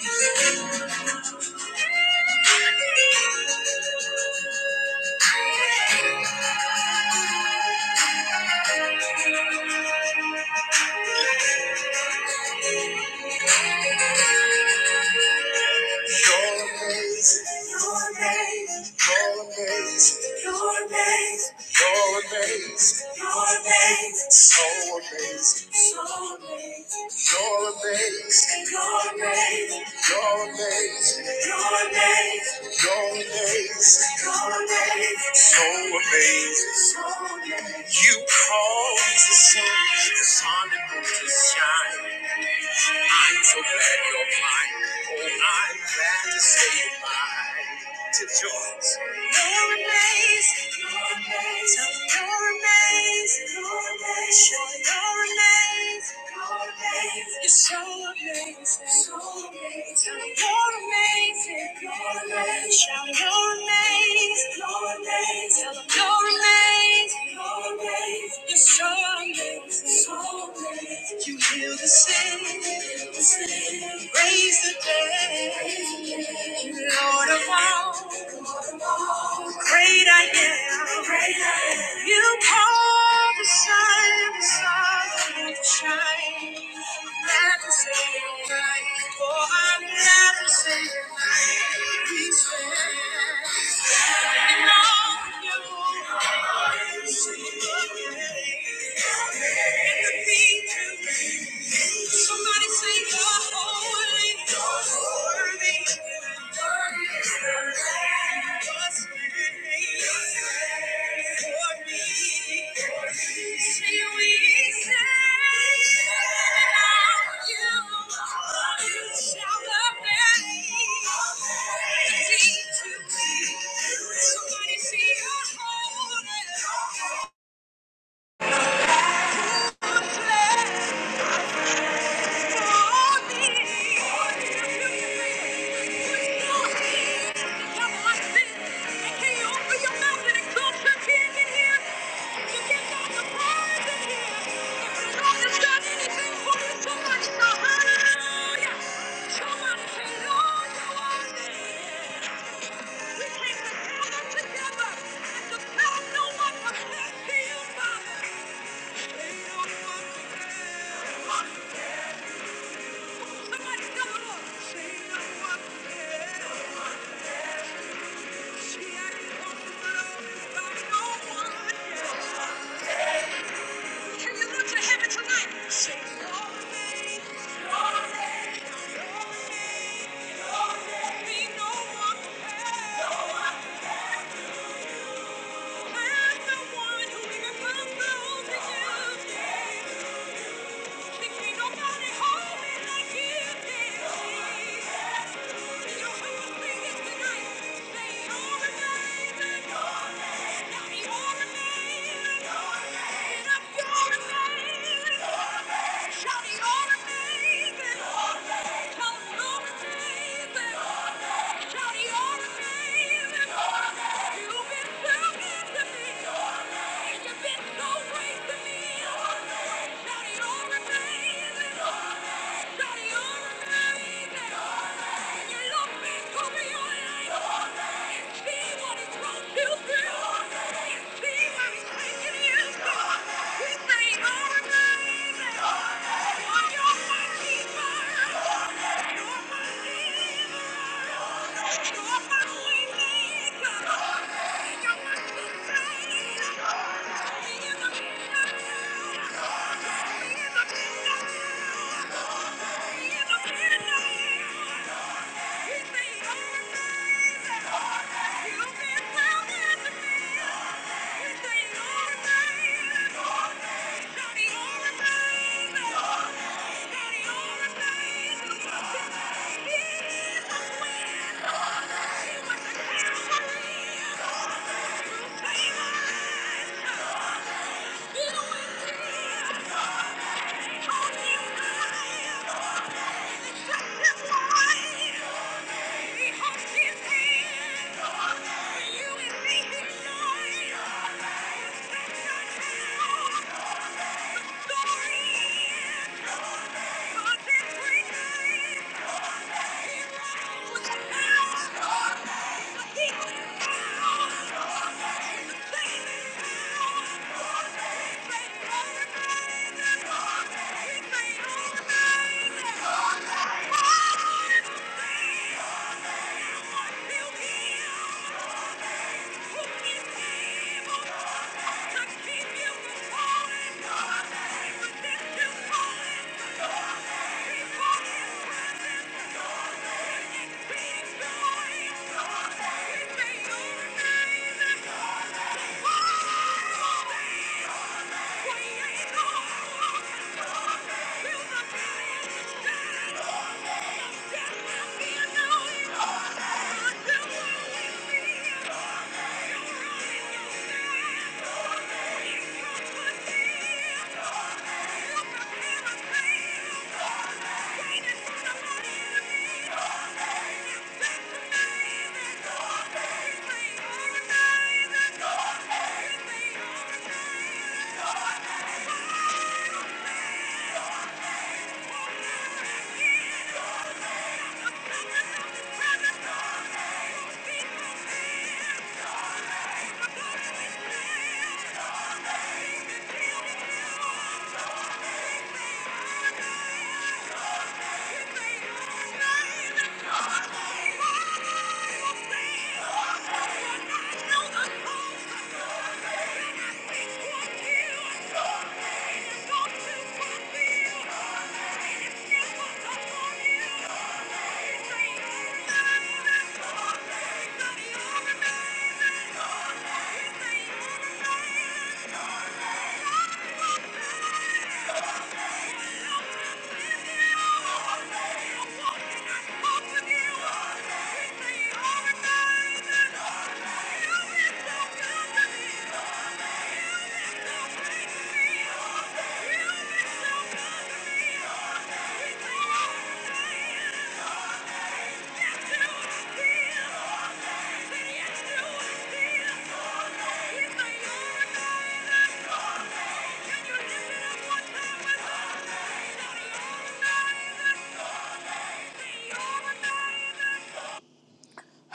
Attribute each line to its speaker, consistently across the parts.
Speaker 1: You're amazing, you're amazing, you're amazing. amazing, so amazing, so amazing. You're amazing, you're amazing, you're amazing, you're amazing, you're amazing, you're amazing, so amazing, so amazing. You cause the sun, the sun that moves to shine. I'm so glad you're mine. Oh, I'm glad to say you're mine. Tip Jones. You're amazing. You're amazing. Tell me You're amazing. You're amazing. Sure, you're amazing. You're amazing. You're so amazing. So amazing. Tell me You're amazing. You're amazing. Sure, you're amazing. You're amazing. Tell 'em you're amazing. You're amazing. It's amazing. So You heal the sick, raise the dead. You Lord of all, great I am. Great I am. You call the sun, the sun will shine. Somebody say you're holy, you're worthy. For me, say we say. Somebody see your home. Together and to tell no one but to you, Father. Yeah. You've been so good to me. You've been so great to me. Thank you. He is the wind. He was the king of the He He Yeah. Sorry. Thank you. Thank you. Thank you. Thank you. Thank you. lift it up one time?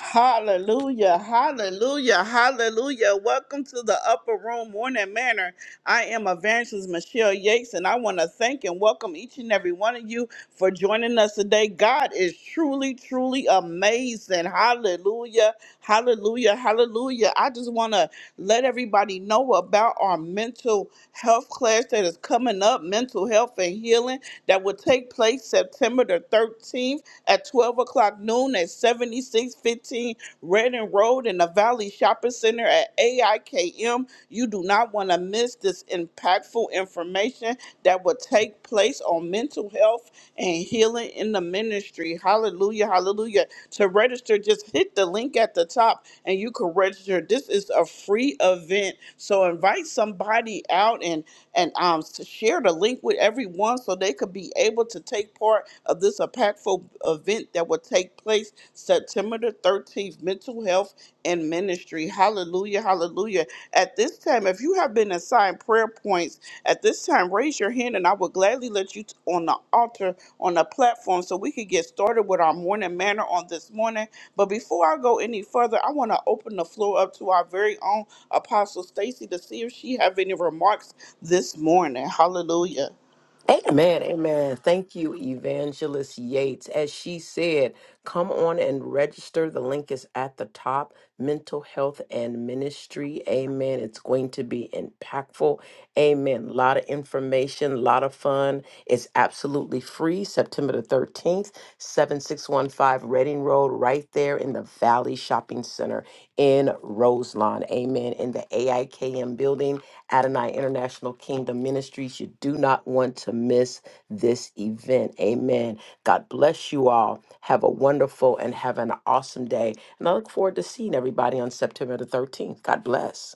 Speaker 1: Hallelujah, hallelujah, hallelujah. Welcome to the Upper Room Morning Manor. I am Evangelist Michelle Yates, and I want to thank and welcome each and every one of you for joining us today. God is truly, truly amazing. Hallelujah, hallelujah, hallelujah. I just want to let everybody know about our mental health class that is coming up mental health and healing that will take place September the 13th at 12. 12 o'clock noon at 7615 Redding Road in the Valley Shopping Center at AIKM. You do not want to miss this impactful information that will take place on mental health and healing in the ministry. Hallelujah, hallelujah. To register, just hit the link at the top and you can register. This is a free event. So invite somebody out and and um to share the link with everyone so they could be able to take take part of this impactful event that will take place September the 13th, Mental Health and Ministry. Hallelujah, hallelujah. At this time, if you have been assigned prayer points, at this time, raise your hand and I will gladly let you t- on the altar, on the platform, so we can get started with our morning manner on this morning. But before I go any further, I want to open the floor up to our very own Apostle Stacy to see if she have any remarks this morning. Hallelujah.
Speaker 2: Amen, amen. Thank you, Evangelist Yates. As she said, come on and register. The link is at the top. Mental health and ministry. Amen. It's going to be impactful. Amen. A lot of information, a lot of fun. It's absolutely free. September the 13th, 7615 Reading Road, right there in the Valley Shopping Center in Roselawn. Amen. In the AIKM building. Adonai International Kingdom Ministries. You do not want to miss this event. Amen. God bless you all. Have a wonderful and have an awesome day. And I look forward to seeing everybody on September the 13th. God bless.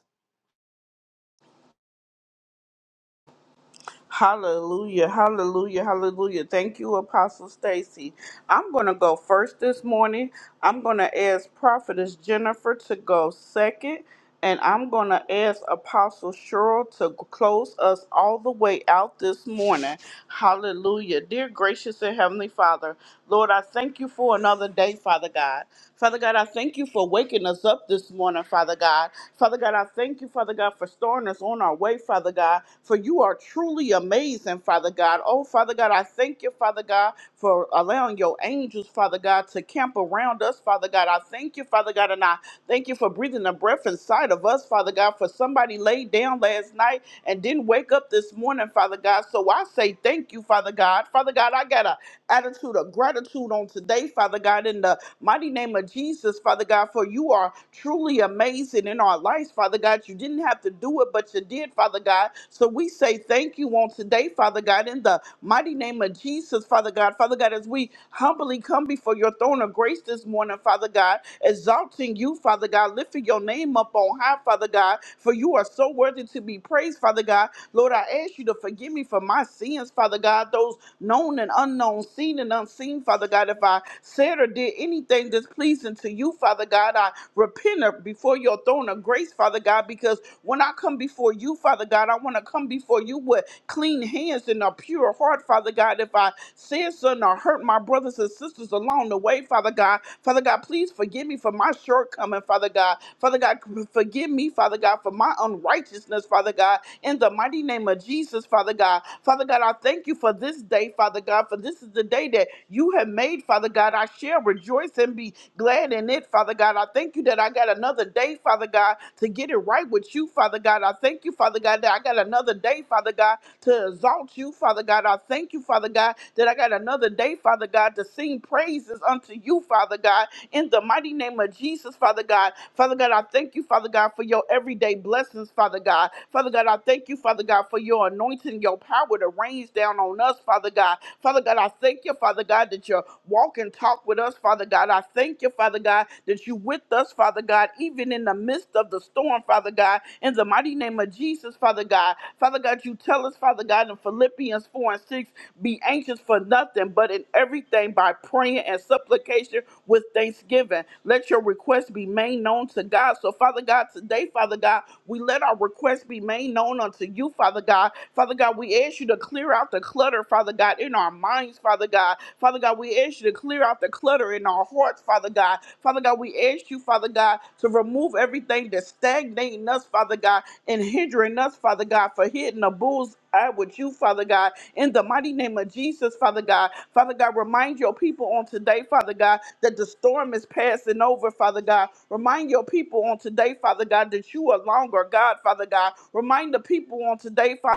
Speaker 1: Hallelujah, hallelujah, hallelujah. Thank you, Apostle Stacy. I'm going to go first this morning. I'm going to ask Prophetess Jennifer to go second, and I'm going to ask Apostle Cheryl to close us all the way out this morning. Hallelujah. Dear gracious and heavenly Father, Lord, I thank you for another day, Father God. Father God, I thank you for waking us up this this morning, Father God. Father God, I thank you, Father God, for storing us on our way, Father God, for you are truly amazing, Father God. Oh, Father God, I thank you, Father God, for allowing your angels, Father God, to camp around us, Father God. I thank you, Father God, and I thank you for breathing the breath inside of us, Father God, for somebody laid down last night and didn't wake up this morning, Father God. So I say thank you, Father God. Father God, I got a attitude of gratitude on today, Father God, in the mighty name of Jesus, Father God, for you are truly amazing in our lives, Father God. You didn't have to do it, but you did, Father God. So we say thank you on today, Father God, in the mighty name of Jesus, Father God. Father God, as we humbly come before your throne of grace this morning, Father God, exalting you, Father God, lifting your name up on high, Father God, for you are so worthy to be praised, Father God. Lord, I ask you to forgive me for my sins, Father God, those known known and unknown, seen and unseen, Father God. If I said or did anything displeasing to you, Father God, I repent of- before your throne of grace, Father God, because when I come before you, Father God, I want to come before you with clean hands and a pure heart, Father God. If I said something or hurt my brothers and sisters along the way, Father God, Father God, please forgive me for my shortcoming, Father God. Father God, forgive me, Father God, for my unrighteousness, Father God, in the mighty name of Jesus, Father God. Father God, I thank you for this this day, Father God, for this is the day that you have made, Father God. I shall rejoice and be glad in it, Father God. I thank you that I got another day, Father God, to get it right with you, Father God. I thank you, Father God, that I got another day, Father God, to exalt you, Father God. I thank you, Father God, that I got another day, Father God, to sing praises unto you, Father God, in the mighty name of Jesus, Father God. Father God, I thank you, Father God, for your everyday blessings, Father God. Father God, I thank you, Father God, for your anointing, your power to reign rains down on us, Father God. Father God, I thank you, Father God, that you walk and talk with us, Father God. I thank you, Father God, that you with us, Father God, even in the midst of the storm, Father God. In the mighty name of Jesus, Father God. Father God, you tell us, Father God, in Philippians 4 and 6, be anxious for nothing, but in everything by praying and supplication with thanksgiving. Let your request be made known to God. So, Father God, today, Father God, we let our request be made known unto you, Father God. Father God, we God, we ask you to clear out the clutter, Father God, in our minds, Father God. Father God, we ask you to clear out the clutter in our hearts, Father God. Father God, we ask you, Father God, to remove everything that's stagnating us, Father God, and hindering us, Father God, for hitting the bull's eye with you, Father God. In the mighty name of Jesus, Father God. Father God, remind your people on today, Father God, that the storm is passing over, Father God. Remind your people on today, Father God, that you are longer, God, Father God. Remind the people on today, Father.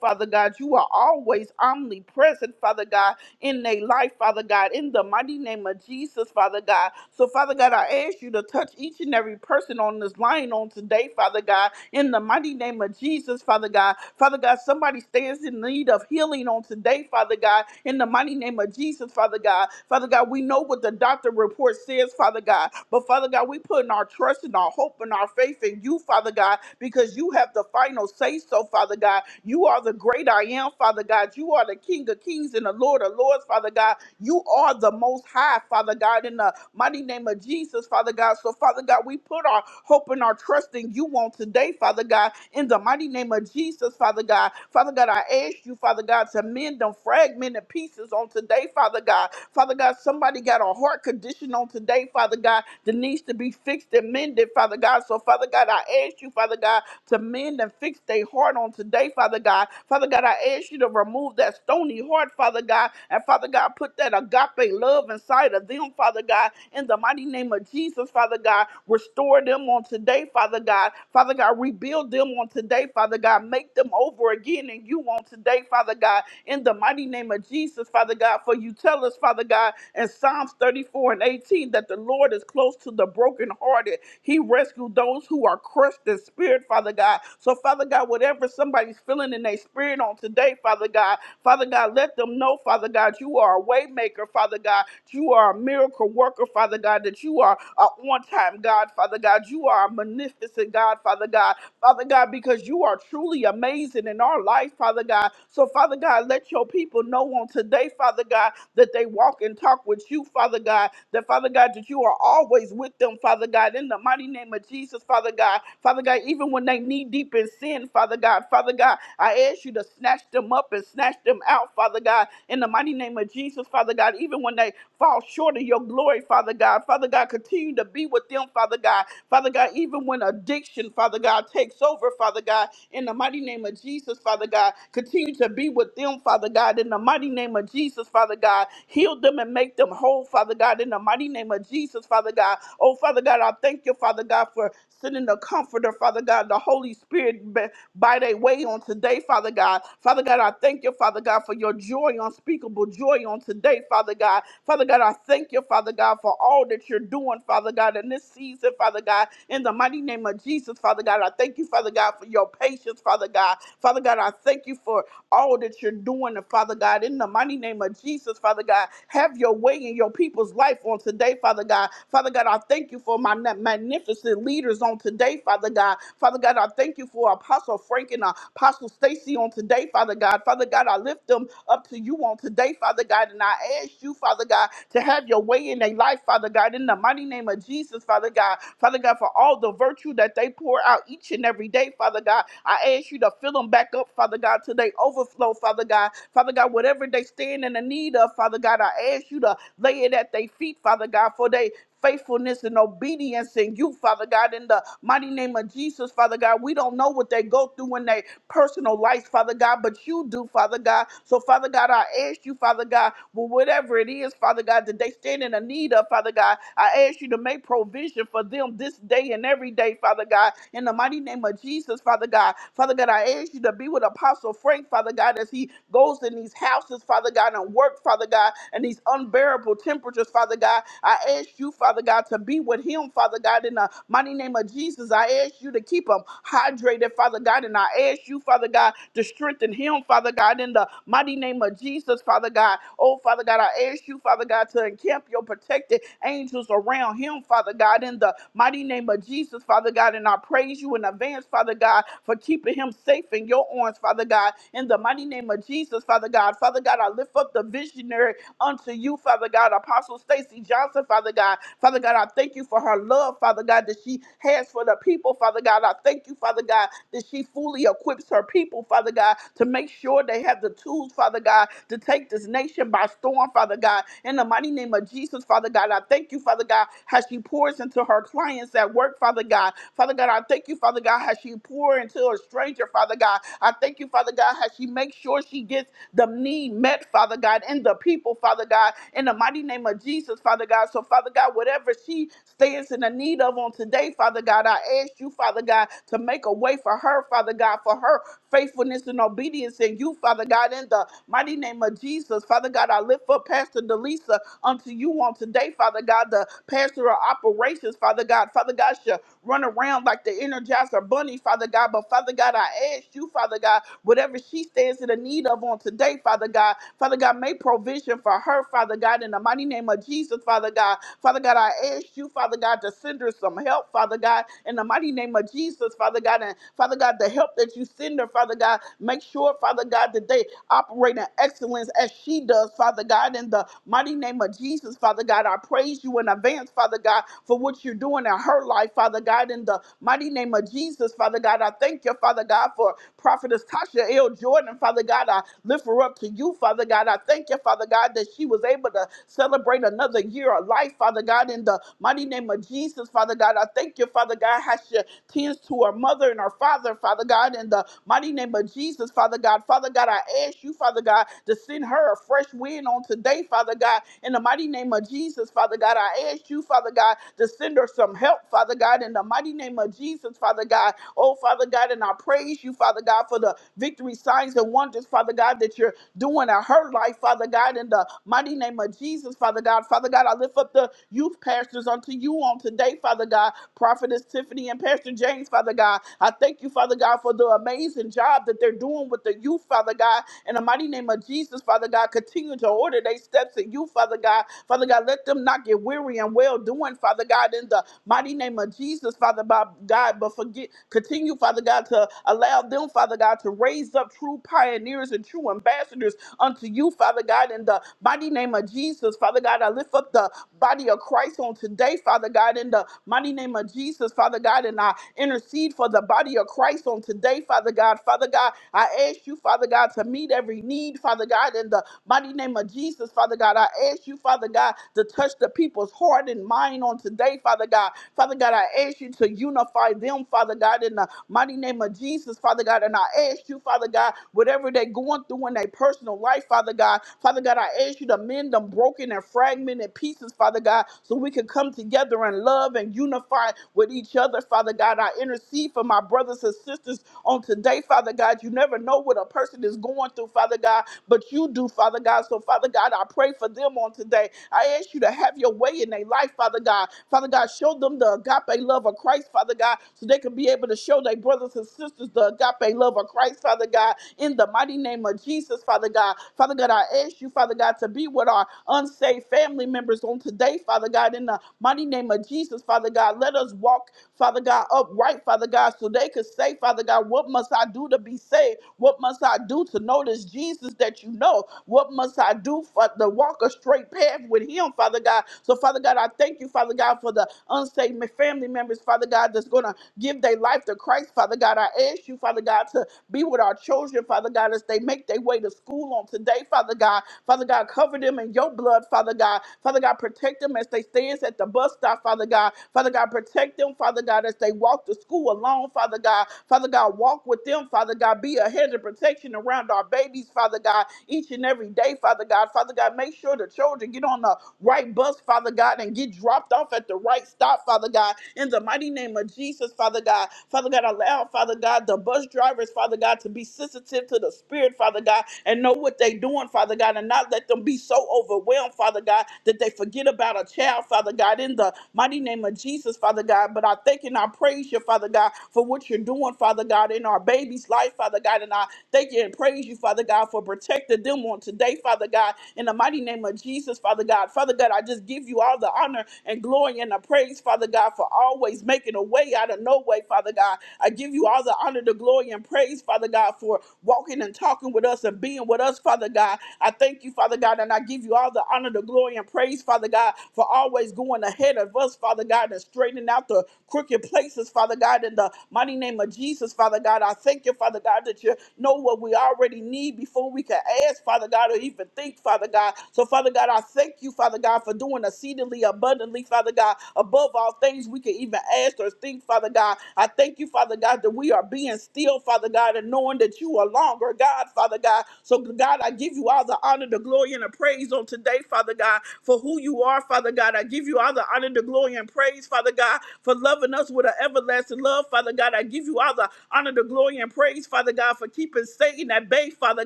Speaker 1: Father God. You are always omnipresent, Father God in their life, Father God, in the mighty name of Jesus, Father God. So, Father God, I ask you to touch each and every person on this line on today, Father God, in the mighty name of Jesus, Father God. Father God, somebody stands in need of healing on today, Father God, in the mighty name of Jesus, Father God. Father God, we know what the doctor report says, Father God, but Father God, we put in our trust and our hope and our faith in you, Father God, because you have the final say so, Father God. You are the great I am, Father God. You are the are the King of Kings and the Lord of Lords, Father God. You are the Most High, Father God, in the mighty name of Jesus, Father God. So, Father God, we put our hope and our trust in you on today, Father God, in the mighty name of Jesus, Father God. Father God, I ask you, Father God, to mend them fragmented pieces on today, Father God. Father God, somebody got a heart condition on today, Father God, that needs to be fixed and mended, Father God. So, Father God, I ask you, Father God, to mend and fix their heart on today, Father God. Father Father God, I ask you to remove that stony heart, Father God, and Father God, put that agape love inside of them, Father God, in the mighty name of Jesus, Father God. Restore them on today, Father God. Father God, rebuild them on today, Father God. Make them over again and you on today, Father God, in the mighty name of Jesus, Father God. For you tell us, Father God, in Psalms 34 and 18, that the Lord is close to the brokenhearted. He rescued those who are crushed in spirit, Father God. So, Father God, whatever whatever somebody's feeling in their spirit on today, Father God. Father God, let them know, Father God, you are a way maker, Father God. You are a miracle worker, Father God, that you are a on-time God, Father God. You are a magnificent God, Father God. Father God, because you are truly amazing in our life, Father God. So, Father God, let your people know on today, Father God, that they walk and talk with you, Father God. That, Father God, that you are always with them, Father God, in the mighty name of Jesus, Father God. Father God, even when they when they knee deep in sin, Father God. Father God, I ask you to snatch them up and snatch them out, Father God, in the mighty name of Jesus, Father God. Even when they fall short of your glory, Father God, Father God, continue to be with them, Father God. Father God, even when addiction, Father God, takes over, Father God, in the mighty name of Jesus, Father God, continue to be with them, Father God, in the mighty name of Jesus, Father God. Heal them and make them whole, Father God, in the mighty name of Jesus, Father God. Oh, Father God, I thank you, Father God, for Sending the comforter, Father God, the Holy Spirit b- by their way on today, Father God. Father God, I thank you, Father God, for your joy, unspeakable joy on today, Father God. Father God, I thank you, Father God, for all that you're doing, Father God, in this season, Father God. In the mighty name of Jesus, Father God, I thank you, Father God, for your patience, Father God. Father God, I thank you for all that you're doing, and Father God, in the mighty name of Jesus, Father God, have your way in your people's life on today, Father God. Father God, I thank you for my our magnificent leaders on today, Father God. Father God, I thank you for Apostle Frank and Apostle Stacy on today, Father God. Father God, I lift them up to you on today, Father God, and I ask you, Father God, to have your way in their life, Father God, in the mighty name of Jesus, Father God. Father God, for all the virtue that they pour out each and every day, Father God, I ask you to fill them back up, Father God, till they overflow, Father God. Father God, whatever they stand in the need of, Father God, I ask you to lay it at their feet, Father God, for they faithfulness and obedience in you, Father God, in the mighty name of Jesus, Father God. We don't know what they go through in their personal lives, Father God, but you do, Father God. So, Father God, I ask you, Father God, well, whatever it is, Father God, that they stand in a need of, Father God, I ask you to make provision for them this day and every day, Father God, in the mighty name of Jesus, Father God. Father God, I ask you to be with Apostle Frank, Father God, as he goes in these houses, Father God, and work, Father God, and these unbearable temperatures soldiers, Father God. I ask you, Father God, to be with him, Father God, in the mighty name of Jesus. I ask you to keep him hydrated, Father God, and I ask you, Father God, to strengthen him, Father God, in the mighty name of Jesus, Father God. Oh, Father God, I ask you, Father God, to encamp your protected angels around him, Father God, in the mighty name of Jesus, Father God, and I praise you in advance, Father God, for keeping him safe in your arms, Father God, in the mighty name of Jesus, Father God. Father God, I lift up the visionary unto you, Father God. Apostle Stacy Johnson, Father God. Father God, I thank you for her love, Father God, that she has for the people, Father God. I thank you, Father God, that she fully equips her people, Father God, to make sure they have the tools, Father God, to take this nation by storm, Father God. In the mighty name of Jesus, Father God, I thank you, Father God, how she pours into her clients at work, Father God. Father God, I thank you, Father God, how she pours into a stranger, Father God. I thank you, Father God, how she makes sure she gets the need met, Father God, in the the people, Father God, in the mighty name of Jesus, Father God. So, Father God, whatever she stands in the need of on today, Father God, I ask you, Father God, to make a way for her, Father God, for her faithfulness and obedience in you, Father God, in the mighty name of Jesus. Father God, I lift up Pastor Delisa unto you on today, Father God, the pastor of operations, Father God. Father God, she run around like the energizer bunny, Father God. But Father God, I ask you, Father God, whatever she stands in the need of on today, Father God, Father God, make provision for her, Father God, in the mighty name of Jesus, Father God. Father God, I ask you, Father God, to send her some help, Father God, in the mighty name of Jesus, Father God. And Father God, the help that you send her, Father God, make sure, Father God, that they operate in excellence excellence as she does, Father God, in the mighty name of Jesus, Father God. I praise you in advance, Father God, for what you're doing in her life, Father God, in the mighty name of Jesus, Father God. I thank you, Father God, for Prophetess Tasha L. Jordan, Father God. I lift her up to you, Father God. I thank you, Father God, that she was able to celebrate another year of life, Father God, in the mighty name of Jesus, Father God. I thank you, Father God, how she tends to her mother and her father, Father God, in the mighty name of Jesus, Father God. Father God, I ask you, Father God, to send her a fresh wind on today, Father God, in the mighty name of Jesus, Father God. I ask you, Father God, to send her some help, Father God, in the mighty name of Jesus, Father God. Oh, Father God, and I praise you, Father God, for the victory signs and wonders, Father God, that you're doing in her life, Father God, in the mighty name of Jesus, Father God. Father God, I lift up the youth pastors unto you on today, Father God. Prophetess Tiffany and Pastor James, Father God. I thank you, Father God, for the amazing job that they're doing with the youth, Father God. In the mighty name of Jesus, Father God, continue to order their steps in you, Father God. Father God, let them not get weary and well doing, Father God, in the mighty name of Jesus, Father Bob- God. But forget, continue, Father God, to allow them, Father God, to raise up true pioneers and true ambassadors unto you, Father God, in the mighty name of Jesus, Father God. I lift up the body of Christ. Christ on today, Father God, in the mighty name of Jesus, Father God, and I intercede for the body of Christ on today, Father God. Father God, I ask you, Father God, to meet every need, Father God, in the mighty name of Jesus, Father God. I ask you, Father God, to touch the people's heart and mind on today, Father God. Father God, I ask you to unify them, Father God, in the mighty name of Jesus, Father God. And I ask you, Father God, whatever they're going through in their personal life, Father God, Father God, I ask you to mend them kingdom broken and fragmented pieces, Father God, so we can come together and love and unify with each other, Father God. I intercede for my brothers and sisters on today, Father God. You never know what a person is going through, Father God, but you do, Father God. So, Father God, I pray for them on today. I ask you to have your way in their life, Father God. Father God, show them the agape love of Christ, Father God, so they can be able to show their brothers and sisters the agape love of Christ, Father God, in the mighty name of Jesus, Father God. God. Father God, I ask you, Father God, to be with our unsaved family members on today, Father God, in the mighty name of Jesus, Father God. Let us walk, Father God, upright, Father God, so they could say, Father God, what must I do to be saved? What must I do to know this Jesus that you know? What must I do for to walk a straight path with him, Father God? So, Father God, I thank you, Father God, for the unsaved ma- family members, Father God, that's going to give their life to Christ, Father God. I ask you, Father God, to be with our our children, Father God, as they make their way to school on today, Father God. Father God, cover them in your blood, Father God. Father God, protect them as they stands at the bus stop, Father God. Father God, protect them, Father God, as they walk to school alone, Father God. Father God, walk with them, Father God. Be a hedge of protection around our babies, Father God, each and every day, Father God. Father God, make sure the children get on the right bus, Father God, and get dropped off at the right stop, Father God. In the mighty name of Jesus, Father God. Father God, allow, Father God, the bus drivers, Father God, to be sensitive to the Spirit, Father God, and know what they're doing, Father God, and not let them be so overwhelmed, Father God, that they forget about a child, Father God, in the mighty name of Jesus, Father God. But I thank and I praise you, Father God, for what you're doing, Father God, in our baby's life, Father God. And I thank you and praise you, Father God, for protecting them on today, Father God, in the mighty name of Jesus, Father God. Father God, I just give you all the honor and glory and the praise, Father God, for always always making a way out of no way, Father God. I give you all the honor, the glory, and praise, Father God, for walking and talking with us and being with us, Father God. I thank you, Father God, and I give you all the honor, the glory, and praise, Father God, for always going ahead of us, Father God, and straightening out the crooked places, Father God, in the mighty name of Jesus, Father God. I thank you, Father God, that you know what we already need before we can ask, Father God, or even think, Father God. So, Father God, I thank you, Father God, for doing exceedingly abundantly abundantly, Father God, above all things we can even ask or think, Father God. I thank you, Father God, that we are being still, Father God, and knowing that you are longer, God, Father God. So, God, I give you all the honor, the glory, and the praise on today, Father God, for who you are, Father God. I give you all the honor, the glory, and praise, Father God, for loving us with an everlasting love, Father God. I give you all the honor, the glory, and praise, Father God, for keeping Satan at bay, Father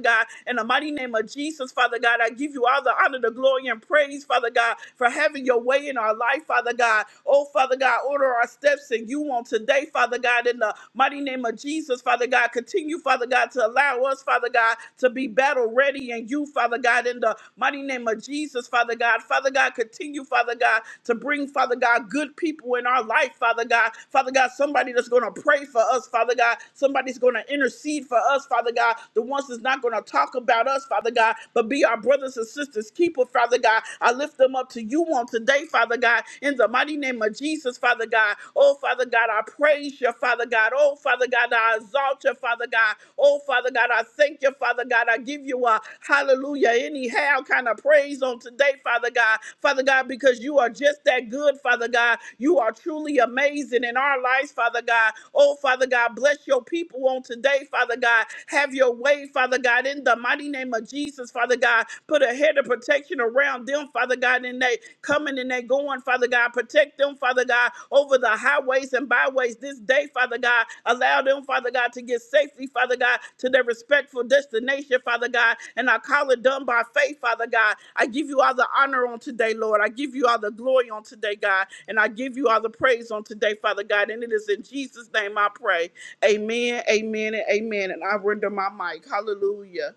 Speaker 1: God. In the mighty name of Jesus, Father God, I give you all the honor, the glory, glory and praise, Father God, for having your way in our life, Father God. Oh, Father God, order our steps and you on today, Father God, in the mighty name of Jesus, Father God. Continue, Father God, to allow us, Father God, to be battle ready and you, Father God, in the mighty name of Jesus, Father God. Father God, continue, Father God, to bring, Father God, good people in our life, Father God. Father God, somebody that's going to pray for us, Father God. Somebody's going to intercede for us, Father God. The ones that's not going to talk about us, Father. Father God, but be our brothers and sisters' keeper, Father God. I lift them up to you on today, Father God, in the mighty name of Jesus, Father God. Oh, Father God, I praise you, Father God. Oh, Father God, I exalt you, Father God. Oh, Father God, I thank you, Father God. I give you a hallelujah, anyhow kind of praise on today, Father God. Father God, because you are just that good, Father God. You are truly amazing in our lives, Father God. Oh, Father God, bless your people on today, Father God. Have your way, Father God, in the mighty name of Jesus, Father God. Put a head of protection around them, Father God, and they coming and they going, Father God. Protect them, Father God, over the highways and byways this day, Father God. Allow them, Father God, to get safely, Father God, to their respectful destination, Father God. And I call it done by faith, Father God. I give you all the honor on today, Lord. I give you all the glory on today, God. And I give you all the praise on today, Father God. And it is in Jesus' name I pray. Amen, amen, and amen. And I render my mic. Hallelujah.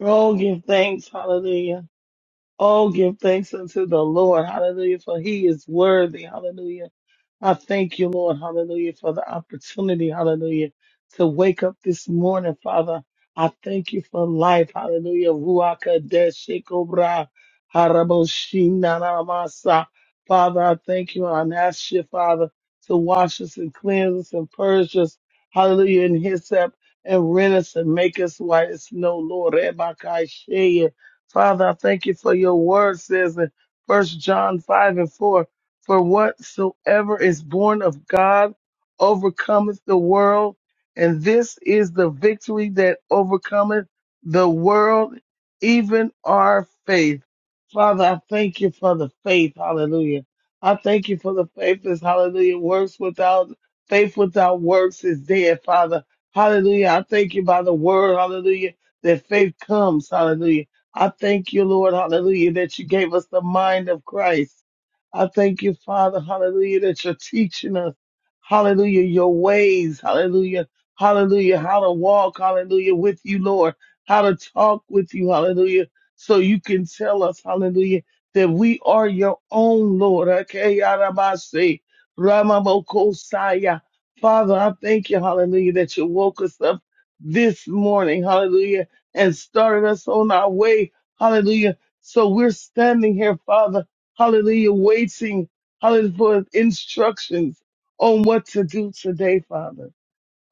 Speaker 3: Oh, give thanks. Hallelujah. Oh, give thanks unto the Lord. Hallelujah. For he is worthy. Hallelujah. I thank you, Lord, hallelujah, for the opportunity, hallelujah, to wake up this morning, Father. I thank you for life, hallelujah. Ruaka deshikobra haraboshinaramasa. Father, I thank you and I ask you, Father, to wash us and cleanse us and purge us, hallelujah, and hyssop and rent us and make us white as snow, Lord. Rebakaisheya. Father, I thank you for your word says in First John 5 and 4. For whatsoever is born of God overcometh the world, and this is the victory that overcometh the world, even our faith. Father, I thank you for the faith. Hallelujah. I thank you for the faith that's hallelujah. Works without faith without works is dead, Father. Hallelujah. I thank you by the word, hallelujah, that faith comes. Hallelujah. I thank you, Lord, hallelujah, that you gave us the mind of Christ. I thank you, Father, hallelujah, that you're teaching us, hallelujah, your ways, hallelujah, hallelujah, how to walk, hallelujah, with you, Lord, how to talk with you, hallelujah, so you can tell us, hallelujah, that we are your own, Lord. Okay, Yarabase, Ramabokosaya. Father, I thank you, hallelujah, that you woke us up this morning, hallelujah, and started us on our way, hallelujah. So we're standing here, Father hallelujah, waiting, hallelujah, for instructions on what to do today, Father.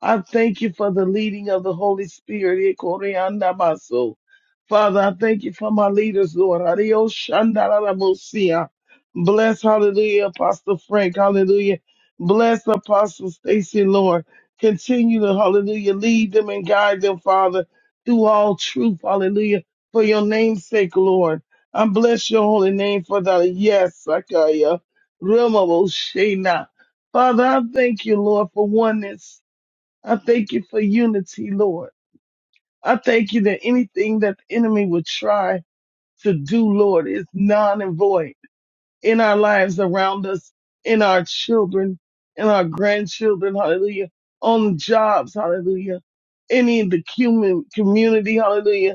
Speaker 3: I thank you for the leading of the Holy Spirit. Ikoriandamaso. Father, I thank you for my leaders, Lord. Adioshandarabosea. Bless, hallelujah, Apostle Frank, hallelujah. Bless Apostle Stacy, Lord. Continue to, hallelujah, lead them and guide them, Father, through all truth, hallelujah, for your name's sake, Lord. I bless your holy name for the yes, Sakaya, Rema Boshena. Father, I thank you, Lord, for oneness. I thank you for unity, Lord. I thank you that anything that the enemy would try to do, Lord, is non and void in our lives around us, in our children, in our grandchildren, hallelujah, on jobs, hallelujah, any in the human community, hallelujah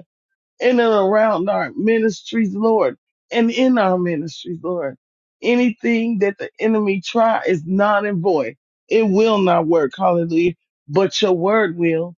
Speaker 3: in and around our ministries, Lord, and in our ministries, Lord. Anything that the enemy try is not and void. It will not work. Hallelujah. But your word will.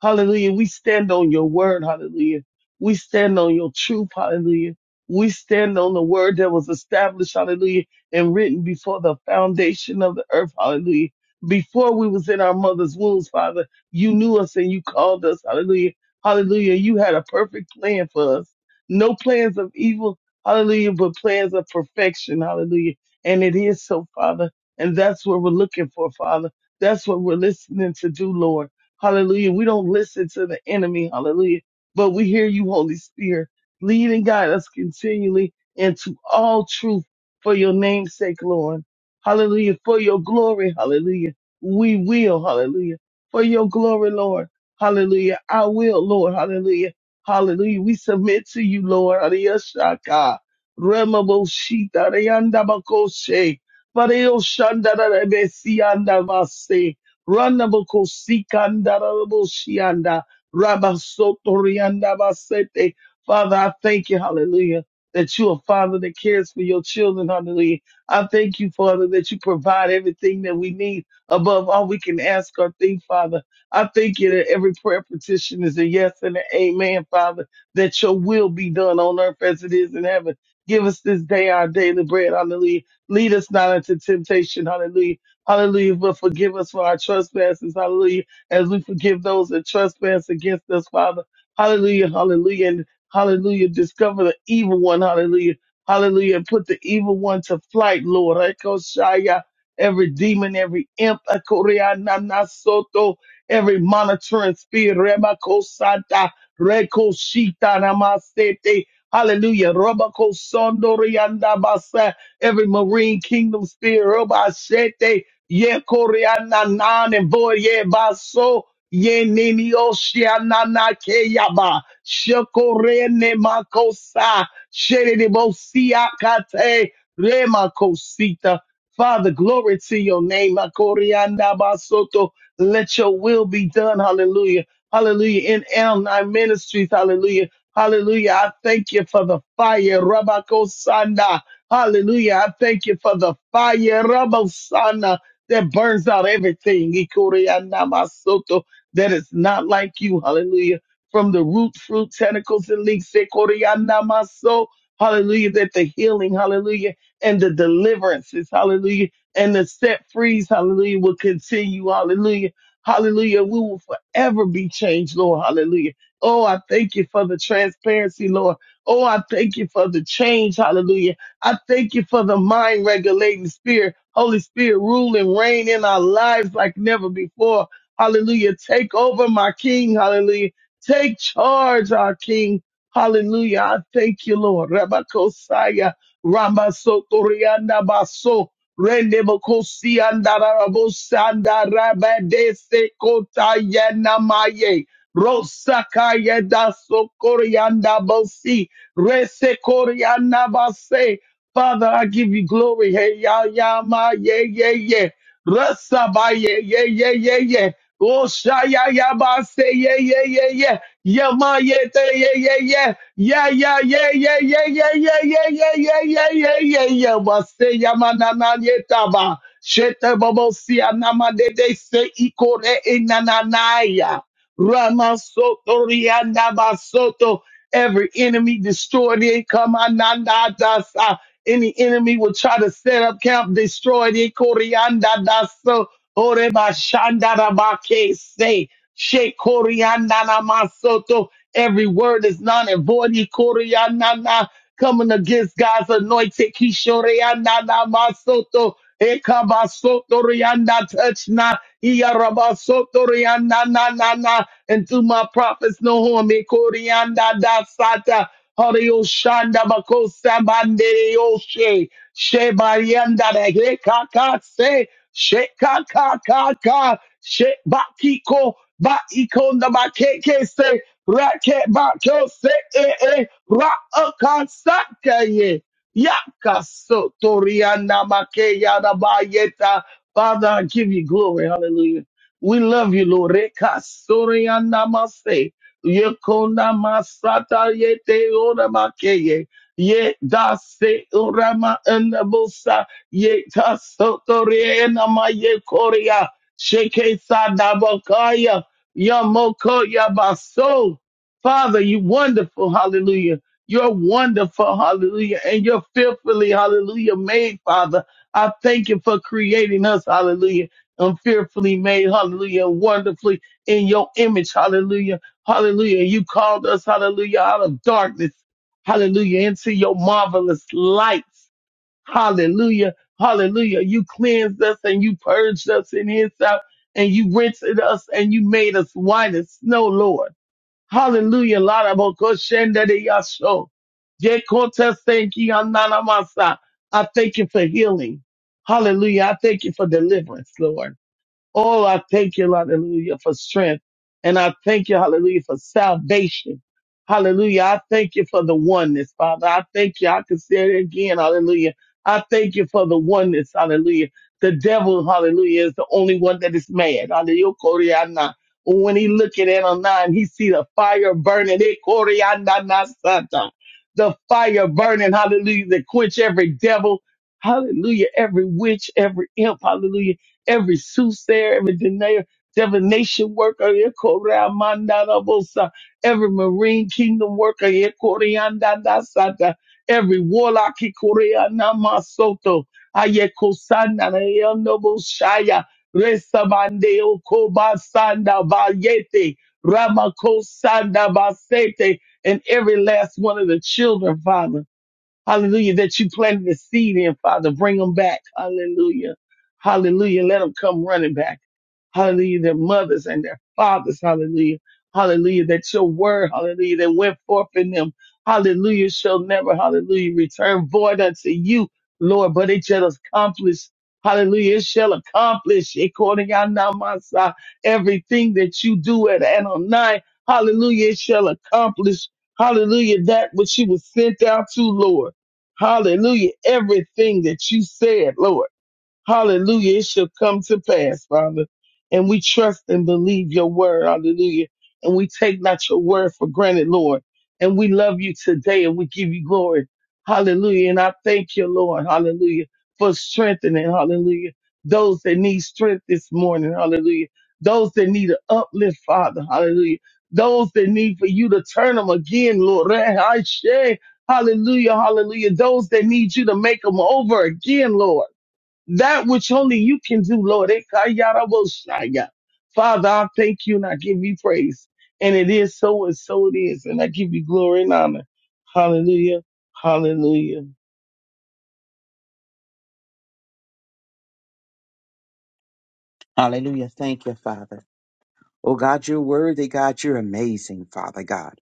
Speaker 3: Hallelujah. We stand on your word. Hallelujah. We stand on your truth. Hallelujah. We stand on the word that was established. Hallelujah. And written before the foundation of the earth. Hallelujah. Before we was in our mother's wombs, Father, you knew us and you called us. Hallelujah Hallelujah. You had a perfect plan for us. No plans of evil. Hallelujah. But plans of perfection. Hallelujah. And it is so, Father. And that's what we're looking for, Father. That's what we're listening to do, Lord. Hallelujah. We don't listen to the enemy. Hallelujah. But we hear you, Holy Spirit. Lead and guide us continually into all truth for your name's sake, Lord. Hallelujah. For your glory. Hallelujah. We will. Hallelujah. For your glory, Lord. Hallelujah. I will, Lord. Hallelujah. Hallelujah. We submit to you, Lord. Ariyashaka. Remaboshita. Reyandabakoshe. Pareoshandarabesiandavase. Ranabakosikandaraboshiyanda. Rabasotoriandabasete. Father, I thank you, hallelujah, that you're a father that cares for your children, hallelujah. I thank you, Father, that you provide everything that we need above all we can ask or think, Father. I thank you that every prayer petition is a yes and an amen, Father, that your will be done on earth as it is in heaven. Give us this day our daily bread, hallelujah. Lead us not into temptation, hallelujah. Hallelujah, but forgive us for our trespasses, hallelujah, as we forgive those that trespass against us, Father. Hallelujah, hallelujah, and hallelujah. Discover the evil one, hallelujah, hallelujah, and put the evil one to flight, Lord. Ekoshaya, Every demon, every imp, Ekoria, every monitoring spirit, Rebakosata, Rekoshita Namasete, hallelujah, Rabakosondorianda Basa, every marine kingdom spirit, Robashete, Ye Koreana Nan and Voye Baso, Ye Nini Oshiana Nakeyaba, Shekorene Makosa, Shedibosia Kate, Remakosita. Father, glory to your name, Makorianda Basoto. Let your will be done. Hallelujah. Hallelujah. In L9 Ministries. Hallelujah. Hallelujah. I thank you for the fire. Rabako Sanda. Hallelujah. I thank you for the fire. Rabako Sanda. That burns out everything. Ikoria namasoto. That is not like you. Hallelujah. From the root, fruit, tentacles, and leaves. Ikoria namaso. Hallelujah. That the healing. Hallelujah. And the deliverances. Hallelujah and the set frees, hallelujah, will continue, hallelujah, hallelujah. We will forever be changed, Lord, hallelujah. Oh, I thank you for the transparency, Lord. Oh, I thank you for the change, hallelujah. I thank you for the mind regulating spirit. Holy Spirit, rule and reign in our lives like never before. Hallelujah. Take over my King. Hallelujah. Take charge, our King. Hallelujah. I thank you, Lord. Rabakosaya. Ramba Sotorianda Baso. Rendebokosi andarabosanda rabadese kota yenamaye. Rosakaya da sokorianda bosi. Rese korianda base. Father, I give you glory. Hey, ya, ya, ma, ye, ye, ye. Rasa ba, ye, ye, ye, ye, ye. Oshaya, ya, ba, se, ye, ye, ye, ye. Yama, ye, te, ye, ye, ye. Yeah, yeah, yeah, yeah, yeah, yeah, yeah, yeah, yeah, yeah, yeah, yeah, yeah, yeah. Wase yamanana yetaba. Shete bobosi anama dede se ikore inananaya. Rama soto rianda basoto. Every enemy destroyed it. Come ananda dasa. Any enemy will try to set up camp, destroyed it. Koreanda daso. Ore bashanda rabake se. She koreanda namasoto Every word is non and void. Ikorianana, Coming against God's anointed. Kishoreanana masoto. Ekabasotoriana, Touch not. Iyarabasotoriana, na, na, na. And through my prophets, no harm. Ikorianda da sata. Harioshanda bakosa bandere yoshe. Shebarianda de hekakase. Shekakakaka. Shebakiko. Ba ikonda ba keke se Raket bato se e e ra akansaka ye. Yakaso toriana make yada bayeta. Father, I give you glory. Hallelujah. We love you, Lord. Reka mase. Yekona masata yete ora make ye. Ye da se orama enabosa. Ye ta sotoriana korea. Sheke sadabakaya. Yamoko Yabaso. Father, you wonderful, hallelujah. You're wonderful, hallelujah. And you're fearfully, hallelujah, made, Father. I thank you for creating us, hallelujah. And fearfully made, hallelujah, wonderfully in your image, hallelujah, hallelujah. You called us, hallelujah, out of darkness, hallelujah, into your marvelous light. Hallelujah. Hallelujah. You cleansed us and you purged us in his out and you rinsed us and you made us white as snow, Lord. Hallelujah. Larabakoshendadeyasho. Jekotasenkiananamasa. I thank you for healing. Hallelujah. I thank you for deliverance, Lord. Oh, I thank you, hallelujah, for strength. And I thank you, hallelujah, for salvation. Hallelujah. I thank you for the oneness, Father. I thank you. I can say it again. Hallelujah. I thank you for the oneness. Hallelujah. The devil, hallelujah, is the only one that is mad. Hallelujah. Koryana. When he look at Ananias, he see the fire burning. Eh, Koryana na sata. The fire burning. Hallelujah. That quench every devil. Hallelujah. Every witch, every imp. Hallelujah every soothsayer, every divina- divination worker, ekoreamandarabosa, every marine kingdom worker, ekoreandadasata, every warlock, ekoreanamasoto, ayekosananayonoboshaya, resamandeokobasanda vayete, ramakosanda Basete, and every last one of the children, Father. Hallelujah. That you planted the seed in, Father. Bring them back. Hallelujah. Hallelujah. Let them come running back. Hallelujah. Their mothers and their fathers. Hallelujah. Hallelujah. That your word, hallelujah, that went forth in them. Hallelujah. Shall never, hallelujah, return void unto you, Lord, but it shall accomplish. Hallelujah. It shall accomplish according to Namasa everything that you do at Adonai. Hallelujah. It shall accomplish. Hallelujah. That which you was sent out to, Lord. Hallelujah. Everything that you said, Lord. Hallelujah. It shall come to pass, Father. And we trust and believe your word. Hallelujah. And we take not your word for granted, Lord. And we love you today and we give you glory. Hallelujah. And I thank you, Lord. Hallelujah. For strengthening. Hallelujah. Those that need strength this morning. Hallelujah. Those that need an uplift, Father. Hallelujah. Those that need for you to turn them again, Lord. Hallelujah. Hallelujah. Those that need you to make them over again, Lord that which only you can do, Lord. Ekayarabosaya. Father, I thank you and I give you praise. And it is so and so it is. And I give you glory and honor. Hallelujah. Hallelujah.
Speaker 4: Hallelujah. Thank you, Father. Oh God, you're worthy, God. You're amazing, Father God.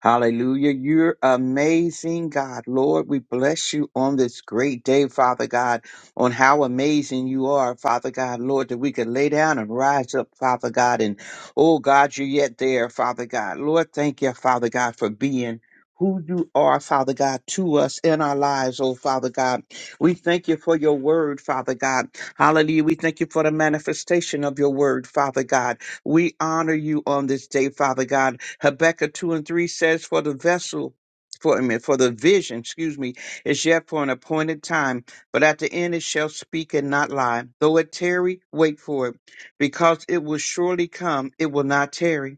Speaker 4: Hallelujah. You're amazing, God. Lord, we bless you on this great day, Father God, on how amazing you are, Father God, Lord, that we could lay down and rise up, Father God. And oh God, you're yet there, Father God. Lord, thank you, Father God, for being who you are, Father God, to us in our lives, oh Father God. We thank you for your word, Father God. Hallelujah. We thank you for the manifestation of your word, Father God. We honor you on this day, Father God. Habakkuk 2 and 3 says, For the vessel, for, I mean, for the vision, excuse me, is yet for an appointed time, but at the end it shall speak and not lie. Though it tarry, wait for it, because it will surely come, it will not tarry.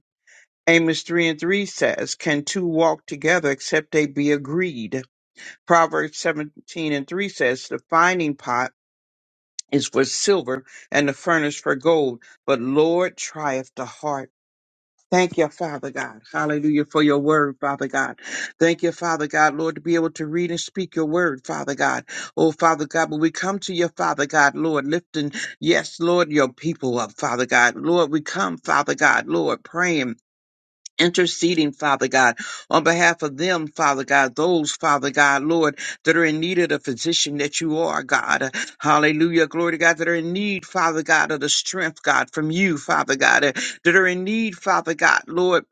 Speaker 4: Amos 3 and 3 says, Can two walk together except they be agreed? Proverbs 17 and 3 says, The finding pot is for silver and the furnace for gold, but Lord trieth the heart. Thank you, Father God. Hallelujah for your word, Father God. Thank you, Father God, Lord, to be able to read and speak your word, Father God. Oh, Father God, when we come to your Father God, Lord, lifting, yes, Lord, your people up, Father God. Lord, we come, Father God, Lord, praying interceding, Father God, on behalf of them, Father God, those, Father God, Lord, that are in need of the physician that you are, God. Hallelujah. Glory to God, that are in need, Father God, of the strength, God, from you, Father God, that are in need, Father God, Lord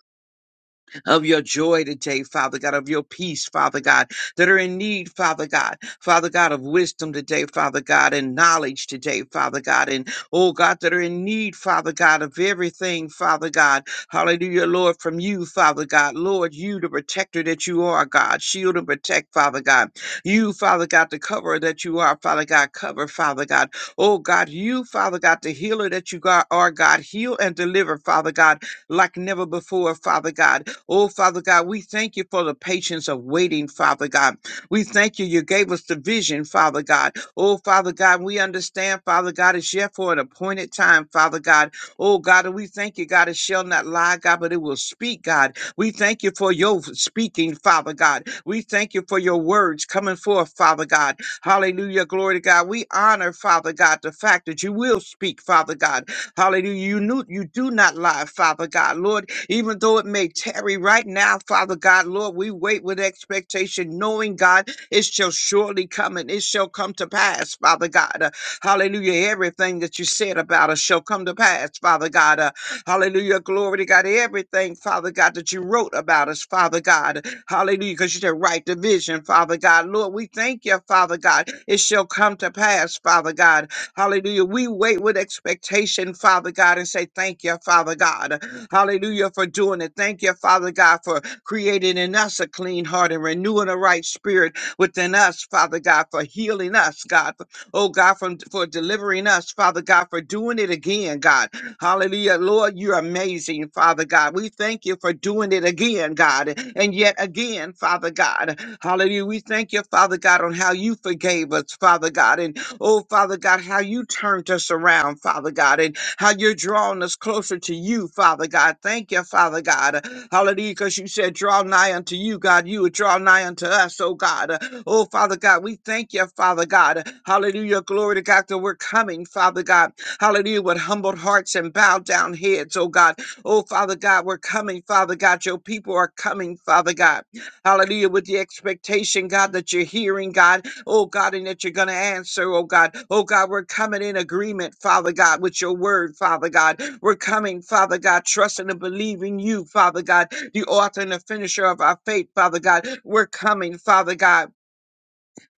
Speaker 4: of your joy today, Father God, of your peace, Father God, that are in need, Father God, Father God, of wisdom today, Father God, and knowledge today, Father God, and oh God, that are in need, Father God, of everything, Father God. Hallelujah, Lord, from you, Father God. Lord, you, the protector that you are, God. Shield and protect, Father God. You, Father God, the coverer that you are, Father God. Cover, Father God. Oh God, you, Father God, the healer that you got- are, God. Heal and deliver, Father God, like never before, Father God. Oh, Father God, we thank you for the patience of waiting, Father God. We thank you. You gave us the vision, Father God. Oh, Father God, we understand, Father God, it's yet for an appointed time, Father God. Oh, God, and we thank you, God, it shall not lie, God, but it will speak, God. We thank you for your speaking, Father God. We thank you for your words coming forth, Father God. Hallelujah. Glory to God. We honor, Father God, the fact that you will speak, Father God. Hallelujah. You knew you do not lie, Father God. Lord, even though it may tarry right now, Father God, Lord, we wait with expectation, knowing, God, it shall surely come and it shall come to pass, Father God. Uh, hallelujah. Everything that you said about us shall come to pass, Father God. Uh, hallelujah. Glory to God. Everything, Father God, that you wrote about us, Father God. Hallelujah. Because you said, write the vision, Father God. Lord, we thank you, Father God. It shall come to pass, Father God. Hallelujah. We wait with expectation, Father God, and say, Thank you, Father God. Hallelujah for doing it. Thank you, Father God, for creating in us a clean heart and renewing a right spirit within us, Father God, for healing us, God. Oh God, from for delivering us, Father God, for doing it again, God. Hallelujah. Lord, you're amazing, Father God. We thank you for doing it again, God. And yet again, Father God. Hallelujah. We thank you, Father God, on how you forgave us, Father God. And oh Father God, how you turned us around, Father God. And how you're drawing us closer to you, Father God. Thank you, Father God. Hallelujah, because you said, draw nigh unto you, God. You would draw nigh unto us, oh God. Oh, Father God, we thank you, Father God. Hallelujah, glory to God that we're coming, Father God. Hallelujah, with humbled hearts and bowed down heads, oh God. Oh, Father God, we're coming, Father God. Your people are coming, Father God. Hallelujah. With the expectation, God, that you're hearing, God. Oh, God, and that you're going to answer, oh, God. Oh, God, we're coming in agreement, Father God, with your word, Father God. We're coming, Father God, trusting and believing you, Father God, the author and the finisher of our faith, Father God. We're coming, Father God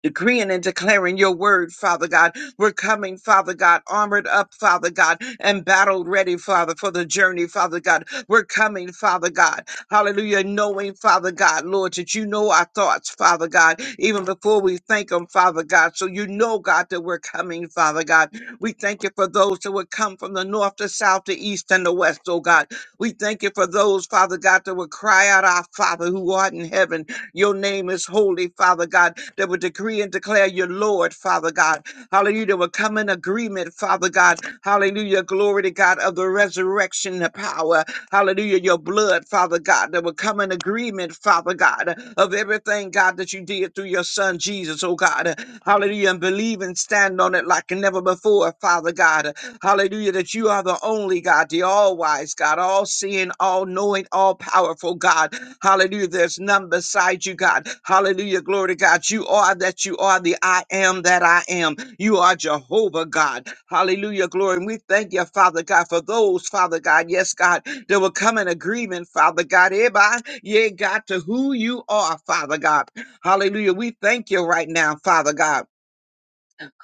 Speaker 4: decreeing and declaring your word, Father God. We're coming, Father God, armored up, Father God, and battle ready, Father, for the journey, Father God. We're coming, Father God. Hallelujah. Knowing, Father God, Lord, that you know our thoughts, Father God, even before we thank them, Father God. So you know, God, that we're coming, Father God. We thank you for those that would come from the north, the south, the east, and the west, oh God. We thank you for those, Father God, that would cry out, Our Father who art in heaven your name is holy, Father God, that would decree and declare your Lord, Father God. Hallelujah. That would come in agreement, Father God. Hallelujah. Glory to God of the resurrection power. Hallelujah. Your blood, Father God, that would come in agreement, Father God, of everything, God, that you did through your son Jesus, oh God. Hallelujah. And believe and stand on it like never before, Father God. Hallelujah. Hallelujah, that you are the only God, the all wise God, all seeing, all knowing, all powerful God. Hallelujah, there's none beside you, God. Hallelujah, glory to God. You are that you are the I am that I am. You are Jehovah God. Hallelujah, glory. And we thank you, Father God, for those, Father God, yes, God, that will come in agreement, Father God, hereby, yeah, God, to who you are, Father God. Hallelujah, we thank you right now, Father God.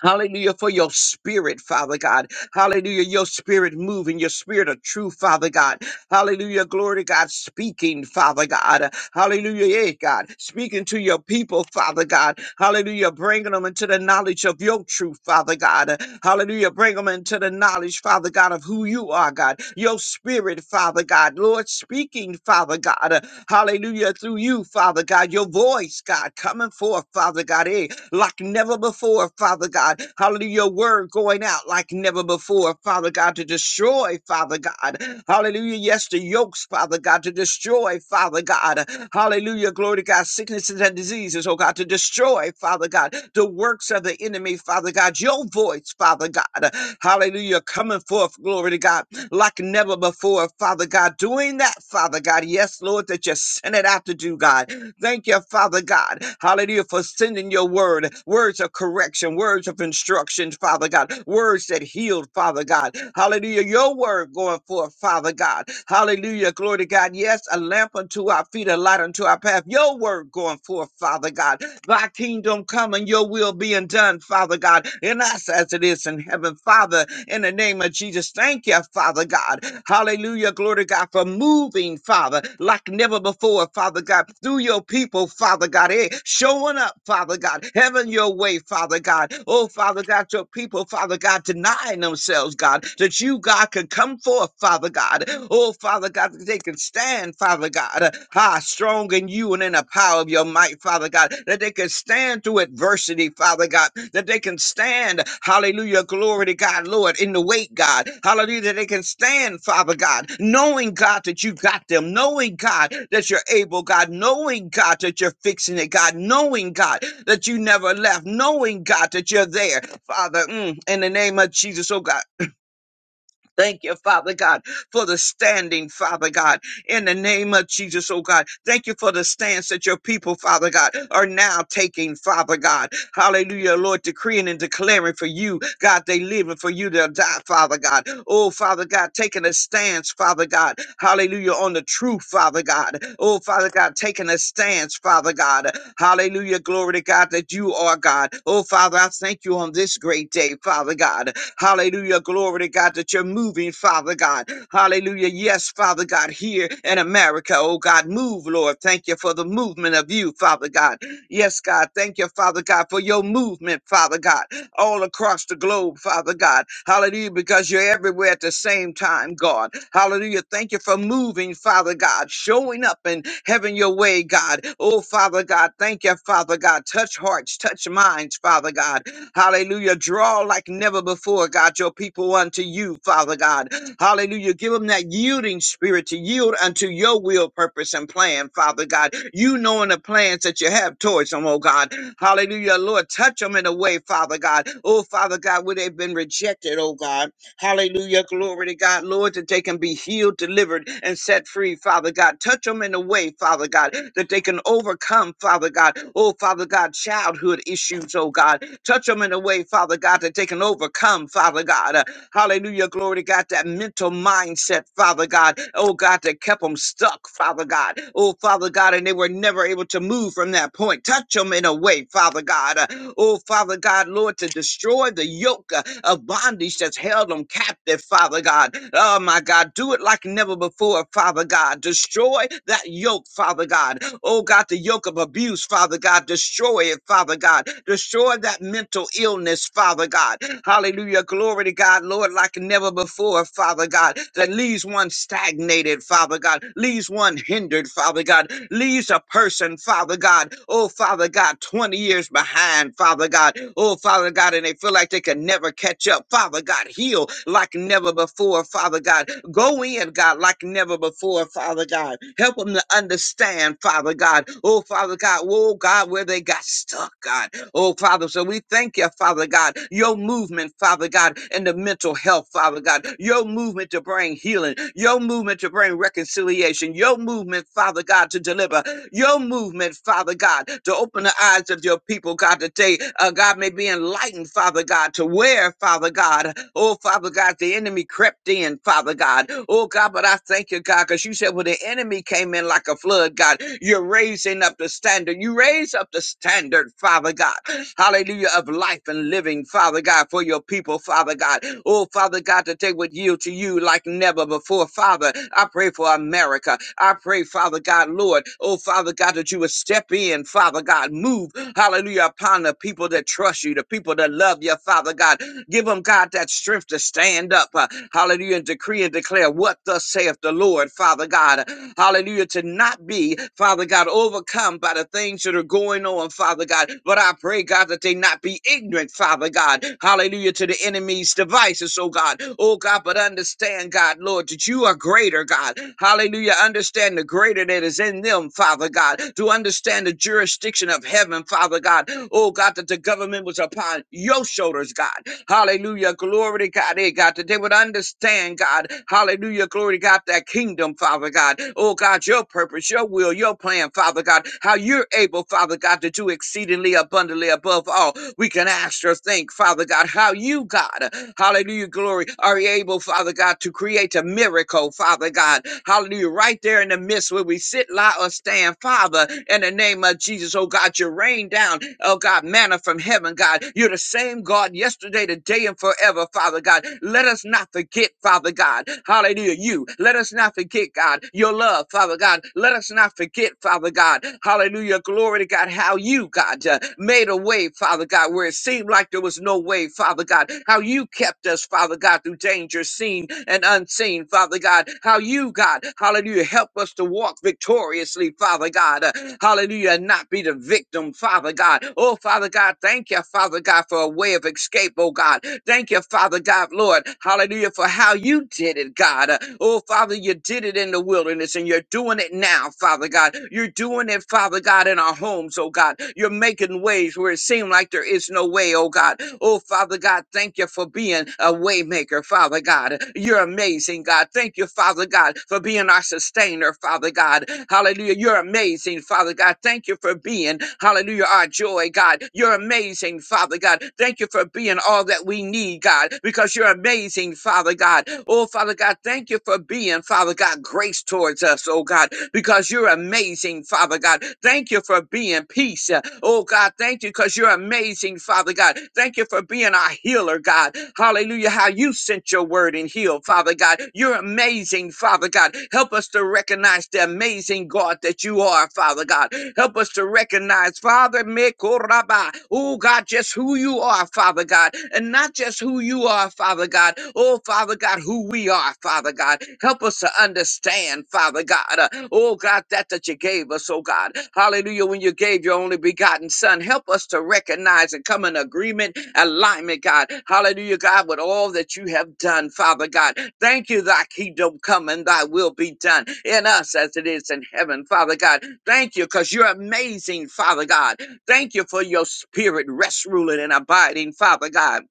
Speaker 4: Hallelujah for your spirit, Father God. Hallelujah, your spirit moving, your spirit of truth, Father God. Hallelujah, glory to God, speaking, Father God. Hallelujah, yeah, God, speaking to your people, Father God. Hallelujah, bringing them into the knowledge of your truth, Father God. Hallelujah, bring them into the knowledge, Father God, of who you are, God. Your spirit, Father God. Lord, speaking, Father God. Hallelujah, through you, Father God. Your voice, God, coming forth, Father God. Eh, like never before, Father God. Hallelujah, your word going out like never before, Father God, to destroy, Father God. Hallelujah, yes, the yokes, Father God, to destroy, Father God. Hallelujah, glory to God, sicknesses and diseases, oh God, to destroy, Father God, the works of the enemy, Father God. Your voice, Father God. Hallelujah, coming forth, glory to God, like never before, Father God. Doing that, Father God. Yes, Lord, that you sent it out to do, God. Thank you, Father God. Hallelujah, for sending your word, words of correction, words of instruction, Father God, words that healed, Father God. Hallelujah, your word going forth, Father God. Hallelujah, glory to God. Yes, a lamp unto our feet, a light unto our path. Your word going forth, Father God. Thy kingdom come and your will being done, Father God, in us as it is in heaven, them, Father, in the name of Jesus. Thank you, Father God. Hallelujah. Glory to God for moving, Father, like never before, Father God, through your people, Father God. Hey, showing up, Father God. Having your way, Father God. Oh, Father God, your people, Father God, denying themselves, God, that you, God, could come forth, Father God. Oh, Father God, that they can stand, Father God ah, strong in you and in the power of your might, Father God, that they can stand through adversity, Father God, that they can stand, hallelujah, glory to God, Lord, in the weight, God, hallelujah, that they can stand, Father God, knowing, God, that you got them, knowing, God, that you're able, God, knowing, God, that you're fixing it, God, knowing, God, that you never left, knowing, God, that you're there, Father, mm, in the name of Jesus, oh God. Thank you, Father God, for the standing, Father God, in the name of Jesus, oh God. Thank you for the stance that your people, Father God, are now taking, Father God. Hallelujah, Lord, decreeing and declaring for you, God, they live and for you they'll die, Father God. Oh, Father God, taking a stance, Father God. Hallelujah, on the truth, Father God. Oh, Father God, taking a stance, Father God. Hallelujah, glory to God that you are God. Oh, Father, I thank you on this great day, Father God. Hallelujah. Glory to God that you're moving, Father God. Hallelujah. Yes, Father God, here in America, oh God, move, Lord. Thank you for the movement of you, Father God. Yes, God. Thank you, Father God, for your movement, Father God, all across the globe, Father God. Hallelujah, because you're everywhere at the same time, God. Hallelujah. Thank you for moving, Father God, showing up and having your way, God. Oh, Father God, thank you, Father God. Touch hearts, touch minds, Father God. Hallelujah. Draw like never before, God, your people unto you, Father God. Hallelujah. Give them that yielding spirit to yield unto your will, purpose, and plan, Father God. You knowing the plans that you have towards them, oh God. Hallelujah. Lord, touch them in a way, Father God. Oh, Father God, where they've been rejected, oh God. Hallelujah. Glory to God, Lord, that they can be healed, delivered, and set free, Father God. Touch them in a way, Father God, that they can overcome, Father God. Oh, Father God, childhood issues, oh God. Touch them in a way, Father God, that they can overcome, Father God. Uh, Hallelujah. Glory to God. That mental mindset, Father God. Oh God, that kept them stuck, Father God. Oh Father God, and they were never able to move from that point. Touch them in a way, Father God. Uh, Oh Father God, Lord, to destroy the yoke uh, of bondage that's held them captive, Father God. Oh my God, do it like never before, Father God. Destroy that yoke, Father God. Oh God, the yoke of abuse, Father God. Destroy it, Father God. Destroy that mental illness, Father. Father God. Hallelujah. Glory to God, Lord, like never before, Father God, that leaves one stagnated, Father God, leaves one hindered, Father God, leaves a person, Father God, oh, Father God, 20 years behind, Father God, oh, Father God, and they feel like they can never catch up. Father God, heal like never before, Father God. Go in, God, like never before, Father God. Help them to understand, Father God, oh, Father God, oh, God, where they got stuck, God. Oh, Father, so we thank you, Father God, your movement, Father God, and the mental health, Father God, your movement to bring healing, your movement to bring reconciliation, your movement, Father God, to deliver, your movement, Father God, to open the eyes of your people, God, that they, uh, God, may be enlightened, Father God, to where, Father God, oh, Father God, the enemy crept in, Father God. Oh, God, but I thank you, God, because you said when the enemy came in like a flood, God, God. You're raising up the standard. You raise up the standard, Father God. Hallelujah, of life and living, Father God, for your people, Father God. Oh, Father God, that they would yield to you like never before, Father. I pray for America. I pray, Father God, Lord. Oh, Father God, that you would step in, Father God. Move, hallelujah, upon the people that trust you, the people that love you, Father God. Give them, God, that strength to stand up. uh, hallelujah, and decree and declare declare what thus saith the Lord, Father God. Hallelujah. To not be, Father God, overcome by the things that are going on, Father God. But I pray, God, that they not be ignorant, Father God. Hallelujah. To the enemy's devices, oh God. Oh God, but understand, God, Lord, that you are greater, God. Hallelujah. Understand the greater that is in them, Father God. To understand the jurisdiction of heaven, Father God. Oh God, that the government was upon your shoulders, God. Hallelujah. Glory to God. Hey, God, that they would understand, God. Hallelujah. Glory to God, that kingdom, Father God. Oh, God, your purpose, your will, your plan, Father God. How you're able, Father God, to do exceedingly abundantly above all we can ask or think, Father God, how you, God, hallelujah, glory, are able, Father God, to create a miracle, Father God, hallelujah, right there in the midst where we sit, lie, or stand, Father, in the name of Jesus, oh God, you rain down, oh God, manna from heaven, God, you're the same God. God, yesterday, today, and forever, Father God. Let us not forget, Father God. Hallelujah. You. Let us not forget, God, your love, Father God. Let us not forget, Father God. Hallelujah. Glory to God. How you, God, uh, made a way, Father God, where it seemed like there was no way, Father God. How you kept us, Father God, through danger seen and unseen, Father God. How you, God, hallelujah, help us to walk victoriously, Father God. Uh, hallelujah. And not be the victim, Father God. Oh, Father God, thank you, Father. Father God, for a way of escape, oh God. Thank you, Father God, Lord. Hallelujah, for how you did it, God. Uh, Oh, Father, you did it in the wilderness and you're doing it now, Father God. You're doing it, Father God, in our homes, oh God. You're making ways where it seemed like there is no way, oh God. Oh, Father God, thank you for being a waymaker, Father God. You're amazing, God. Thank you, Father God, for being our sustainer, Father God. Hallelujah. You're amazing, Father God. Thank you for being, hallelujah, our joy, God. You're amazing amazing, Father God. Thank you for being all that we need, God, because you're amazing, Father God. Oh, Father God, thank you for being, Father God, grace towards us, oh God, because you're amazing, Father God. Thank you for being peace. uh, Oh God, thank you because you're amazing, Father God. Thank you for being our healer, God. Hallelujah. How you sent your word and healed, Father God. You're amazing, Father God. Help us to recognize the amazing God that you are, Father God. Help us to recognize, Father, Rabba. Oh God, just who you are, Father God, and not just who you are, Father God. Oh Father God, who we are, Father God. Help us to understand, Father God. Uh, oh God, that that you gave us, oh God. Hallelujah. When you gave your only begotten Son, help us to recognize and come in agreement, alignment, God. Hallelujah, God, with all that you have done, Father God. Thank you, thy kingdom come and thy will be done in us as it is in heaven, Father God. Thank you, because you're amazing, Father God. Thank you for your spirit rest, ruling, and abiding, Father God,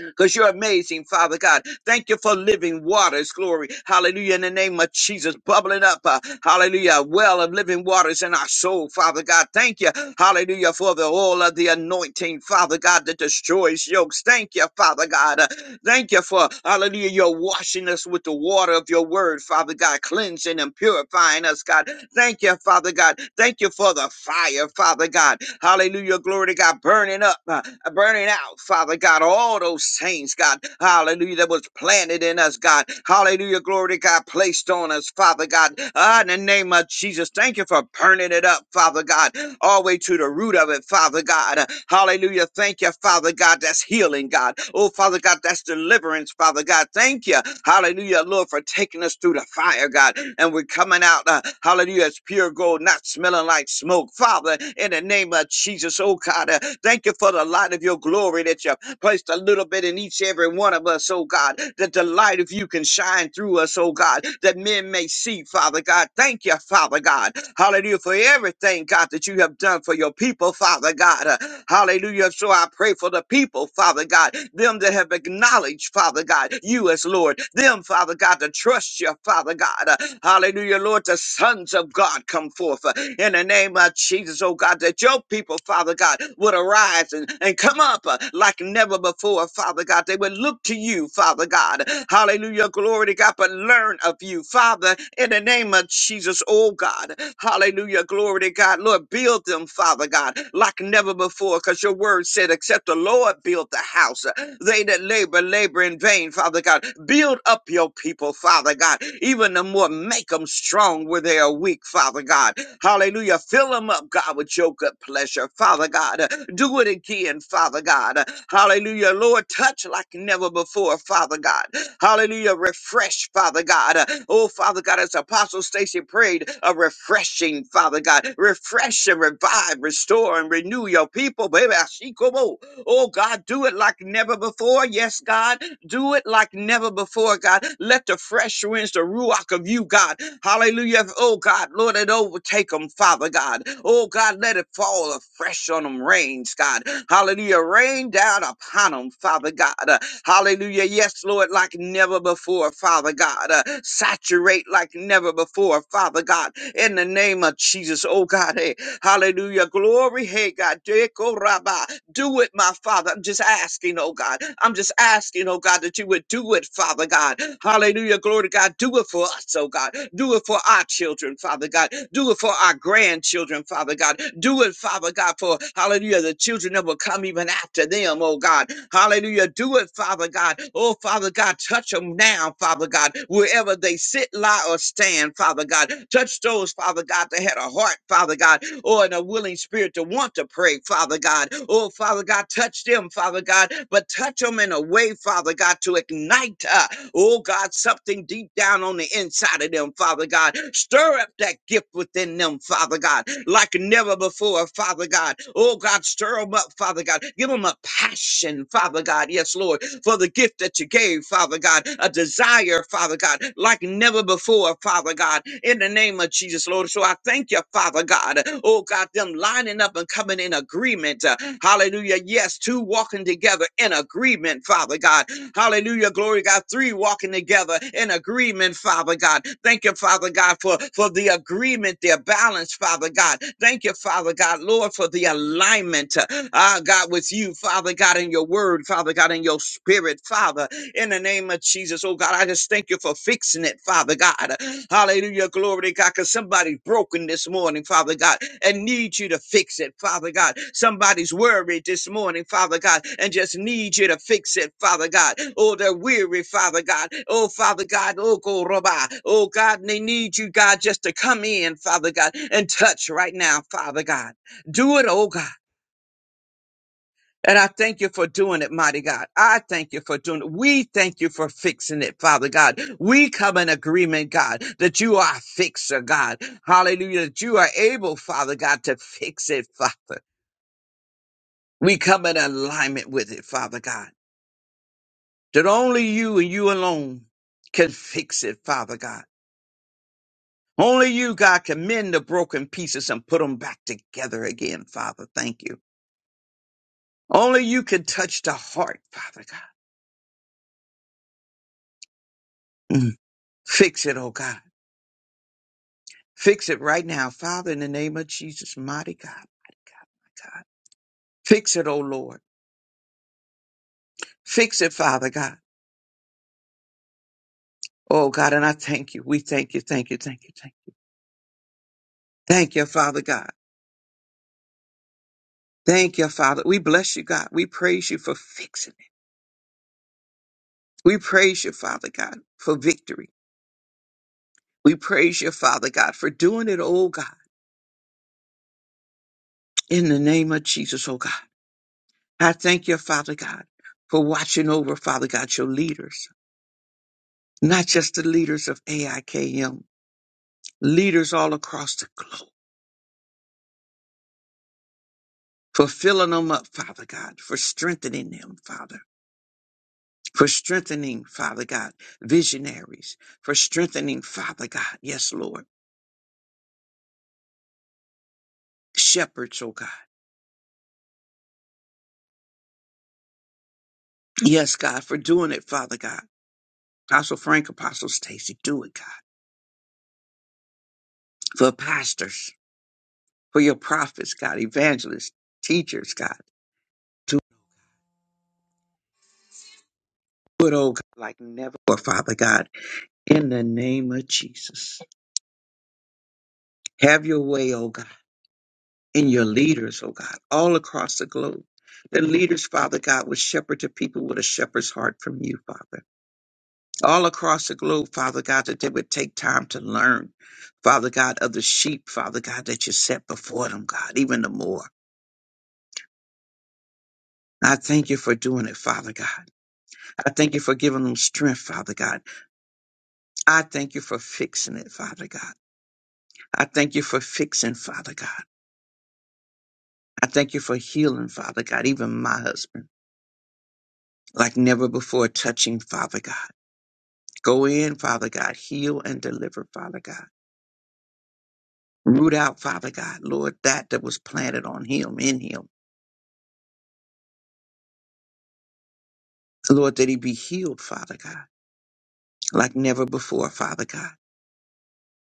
Speaker 4: because you're amazing, Father God. Thank you for living waters, glory. Hallelujah. In the name of Jesus, bubbling up, uh, hallelujah, a well of living waters in our soul, Father God. Thank you, hallelujah, for the oil of the anointing, Father God, that destroys yokes. Thank you, Father God. uh, Thank you for, hallelujah, your washing us with the water of your word, Father God, cleansing and purifying us, God. Thank you, Father God. Thank you for the fire, Father God. Hallelujah, glory to God, burning up, uh, burning out, Father God, all those things, God. Hallelujah, that was planted in us, God. Hallelujah, glory to God, placed on us, Father God. Ah, in the name of Jesus, thank you for burning it up, Father God all the way to the root of it, Father God. Hallelujah. Thank you, Father God. That's healing, God. Oh, Father God, that's deliverance, Father God. Thank you. Hallelujah, Lord, for taking us through the fire, God. And we're coming out, uh, hallelujah, as pure gold, not smelling like smoke. Father, in the name of Jesus, oh God, uh, thank you for the light of your glory that you placed a little bit in each every one of us, oh God, that the light of you can shine through us, oh God, that men may see, Father God. Thank you, Father. Father God. Hallelujah, for everything, God, that you have done for your people, Father God. Uh, Hallelujah. So I pray for the people, Father God, them that have acknowledged, Father God, you as Lord, them, Father God, to trust you, Father God. Uh, Hallelujah, Lord, the sons of God come forth uh, in the name of Jesus, oh God, that your people, Father God, would arise and, and come up uh, like never before, Father God. They would look to you, Father God. Hallelujah, glory to God, but learn of you you, Father, in the name of Jesus, oh God. Hallelujah. Glory to God. Lord, build them, Father God, like never before, because your word said, except the Lord build the house, they that labor, labor in vain, Father God. Build up your people, Father God, even the more make them strong where they are weak, Father God. Hallelujah. Fill them up, God, with your good pleasure, Father God. Do it again, Father God. Hallelujah. Lord, touch like never before, Father God. Hallelujah. Refresh, Father God. Uh, Oh, Father God, as Apostle Stacy prayed, a refreshing, Father God. Refresh and revive, restore and renew your people, baby. Ashikobo. Oh, God, do it like never before. Yes, God. Do it like never before, God. Let the fresh winds, the ruach of you, God. Hallelujah. Oh, God, Lord, it overtake them, Father God. Oh, God, let it fall afresh on them rains, God. Hallelujah. Rain down upon them, Father God. Hallelujah. Yes, Lord, like never before, Father God. Uh, saturate like never before, Father God. In the name of Jesus, oh God. Hey, Hallelujah. Glory. Hey, God. Deko rabba. Do it, my Father. I'm just asking, oh God. I'm just asking, oh God, that you would do it, Father God. Hallelujah. Glory to God. Do it for us, oh God. Do it for our children, Father God. Do it for our grandchildren, Father God. Do it, Father God, for hallelujah, the children that will come even after them, oh God. Hallelujah. Do it, Father God. Oh, Father God, touch them now, Father God, wherever they sit, lie, or stand, Father God. Touch those, Father God, that had a heart, Father God, or in a willing spirit to want to pray, Father God. Oh, Father God, touch them, Father God, but touch them in a way, Father God, to ignite, uh, oh God, something deep down on the inside of them, Father God. Stir up that gift within them, Father God, like never before, Father God. Oh God, stir them up, Father God. Give them a passion, Father God. Yes, Lord for the gift that you gave, Father God, a desire, Father God, like never before, Father God, in the name of Jesus, Lord. So I thank you, Father God. Oh God, them lining up and coming in agreement. uh, Hallelujah. Yes, two walking together in agreement, Father God. Hallelujah. Glory God. Three walking together in agreement, Father God. Thank you, Father God, for, for the agreement, their balance, Father God. Thank you, Father God, Lord, for the alignment. uh, Ah, God, was you, Father God, in your word, Father God, in your spirit, Father, in the name of Jesus. Oh God, I just thank you for fixing it, Father God. Hallelujah. Glory to God. Because somebody's broken this morning, Father God, and need you to fix it, Father God. Somebody's worried this morning, Father God, and just need you to fix it, Father God. Oh, they're weary, Father God. Oh, Father God. Oh, go rabbi. Oh, God, and they need you, God, just to come in, Father God, and touch right now, Father God. Do it, oh God. And I thank you for doing it, mighty God. I thank you for doing it. We thank you for fixing it, Father God. We come in agreement, God, that you are a fixer, God. Hallelujah. That you are able, Father God, to fix it, Father. We come in alignment with it, Father God. That only you and you alone can fix it, Father God. Only you, God, can mend the broken pieces and put them back together again, Father. Thank you. Only you can touch the heart, Father God. Mm. Fix it, oh God. Fix it right now, Father, in the name of Jesus, mighty God, mighty God, my God. Fix it, oh Lord. Fix it, Father God. Oh God, and I thank you. We thank you, thank you, thank you, thank you. Thank you, Father God. Thank you, Father. We bless you, God. We praise you for fixing it. We praise you, Father God, for victory. We praise you, Father God, for doing it, oh God, in the name of Jesus, oh God. I thank you, Father God, for watching over, Father God, your leaders, not just the leaders of AIKM, leaders all across the globe, for filling them up, Father God, for strengthening them, Father, for strengthening, Father God, visionaries, for strengthening, Father God, yes, Lord, shepherds, oh God, yes, God, for doing it, Father God. Apostle Frank, Apostle Stacy, do it, God, for pastors, for your prophets, God, evangelists, teachers, God, do it, oh God, like never before, Father God, in the name of Jesus. Have your way, oh God. in your leaders, oh God, all across the globe. The leaders, Father God, would shepherd to people with a shepherd's heart from you, Father. All across the globe, Father God, that they would take time to learn, Father God, of the sheep, Father God, that you set before them, God, even the more. I thank you for doing it, Father God. I thank you for giving them strength, Father God. I thank you for fixing it, Father God. I thank you for fixing, Father God. I thank you for healing, Father God, even my husband, like never before touching, Father God. Go in, Father God, heal and deliver, Father God. Root out, Father God, Lord, that that was planted on him, in him. Lord, that he be healed, Father God, like never before, Father God.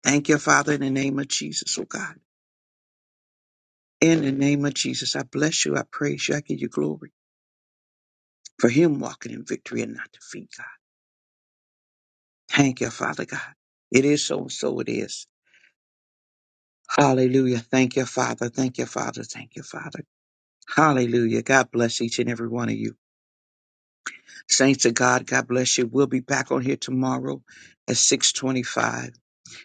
Speaker 4: Thank you, Father, in the name of Jesus, oh God. In the name of Jesus, I bless you, I praise you, I give you glory for him walking in victory and not defeat, God. Thank you, Father God. It is so and so it is. Hallelujah. Thank you, Father. Thank you, Father. Thank you, Father. Hallelujah. God bless each and every one of you. Saints of God, God bless you. We'll be back on here tomorrow at 625.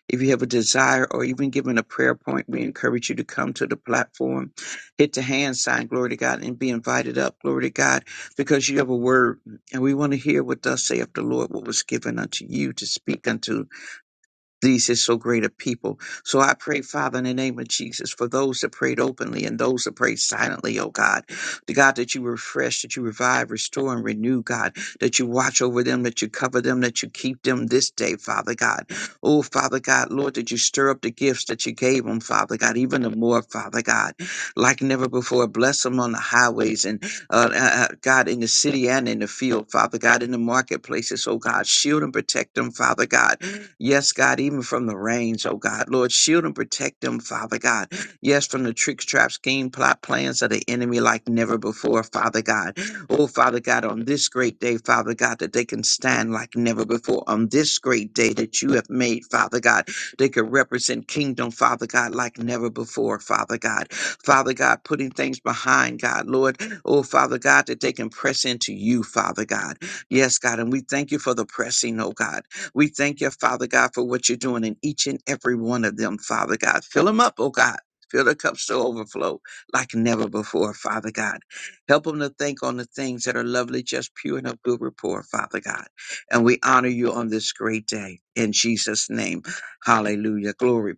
Speaker 4: If you have a desire or even given a prayer point, we encourage you to come to the platform. Hit the hand sign, glory to God, and be invited up, glory to God, because you have a word. And we want to hear what thus saith the Lord, what was given unto you to speak unto these is so great a people. So I pray, Father, in the name of Jesus, for those that prayed openly and those that prayed silently, oh God. The God that you refresh, that you revive, restore, and renew, God, that you watch over them, that you cover them, that you keep them this day, Father God. Oh, Father God, Lord, that you stir up the gifts that you gave them, Father God, even the more, Father God, like never before. Bless them on the highways and uh, uh, uh, God in the city and in the field, Father God, in the marketplaces, oh God. Shield and protect them, Father God Yes, God, even from the range, oh God. Lord, shield and protect them, Father God. Yes, from the tricks, traps, scheme, plot, plans of the enemy like never before, Father God. Oh, Father God, on this great day, Father God, that they can stand like never before. On this great day that you have made, Father God, they can represent kingdom, Father God, like never before, Father God. Father God, putting things behind, God, Lord. Oh, Father God, that they can press into you, Father God. Yes, God, and we thank you for the pressing, oh God. We thank you, Father God, for what you're doing in each and every one of them, Father God. Fill them up, oh God. Fill the cups to overflow like never before, Father God. Help them to think on the things that are lovely, just pure and of good report, Father God. And we honor you on this great day in Jesus' name. Hallelujah. Glory.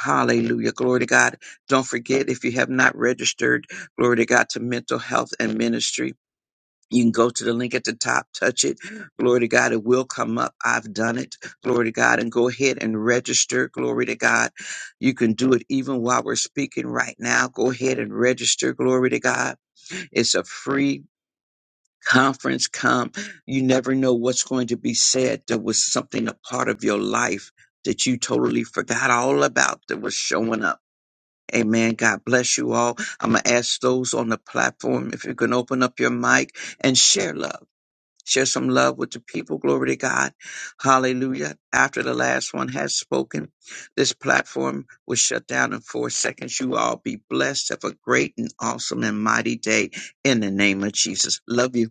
Speaker 4: Hallelujah. Glory to God. Don't forget if you have not registered, glory to God, to mental health and ministry. You can go to the link at the top, touch it. Glory to God. It will come up. I've done it. Glory to God. And go ahead and register. Glory to God. You can do it even while we're speaking right now. Go ahead and register. Glory to God. It's a free conference. Come. You never know what's going to be said. There was something a part of your life that you totally forgot all about that was showing up. Amen. God bless you all. I'm going to ask those on the platform if you can open up your mic and share love. Share some love with the people. Glory to God. Hallelujah. After the last one has spoken, this platform was shut down in four seconds. You all be blessed. Have a great and awesome and mighty day in the name of Jesus. Love you.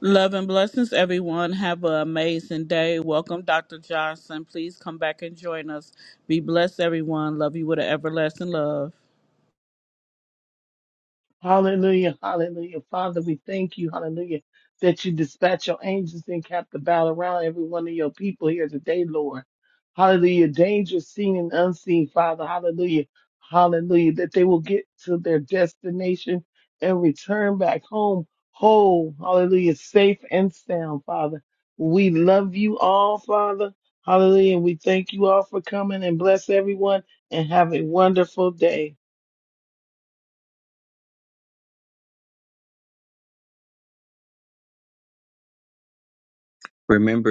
Speaker 1: Love and blessings, everyone. Have an amazing day. Welcome, Dr. Johnson. Please come back and join us. Be blessed, everyone. Love you with an everlasting love.
Speaker 3: Hallelujah, hallelujah. Father, we thank you, hallelujah, that you dispatch your angels and cap the battle around every one of your people here today, Lord. Hallelujah. Danger seen and unseen, Father. Hallelujah. Hallelujah. That they will get to their destination and return back home whole. Hallelujah. Safe and sound, Father. We love you all, Father. Hallelujah. And we thank you all for coming and bless everyone and have a wonderful day.
Speaker 4: Remember,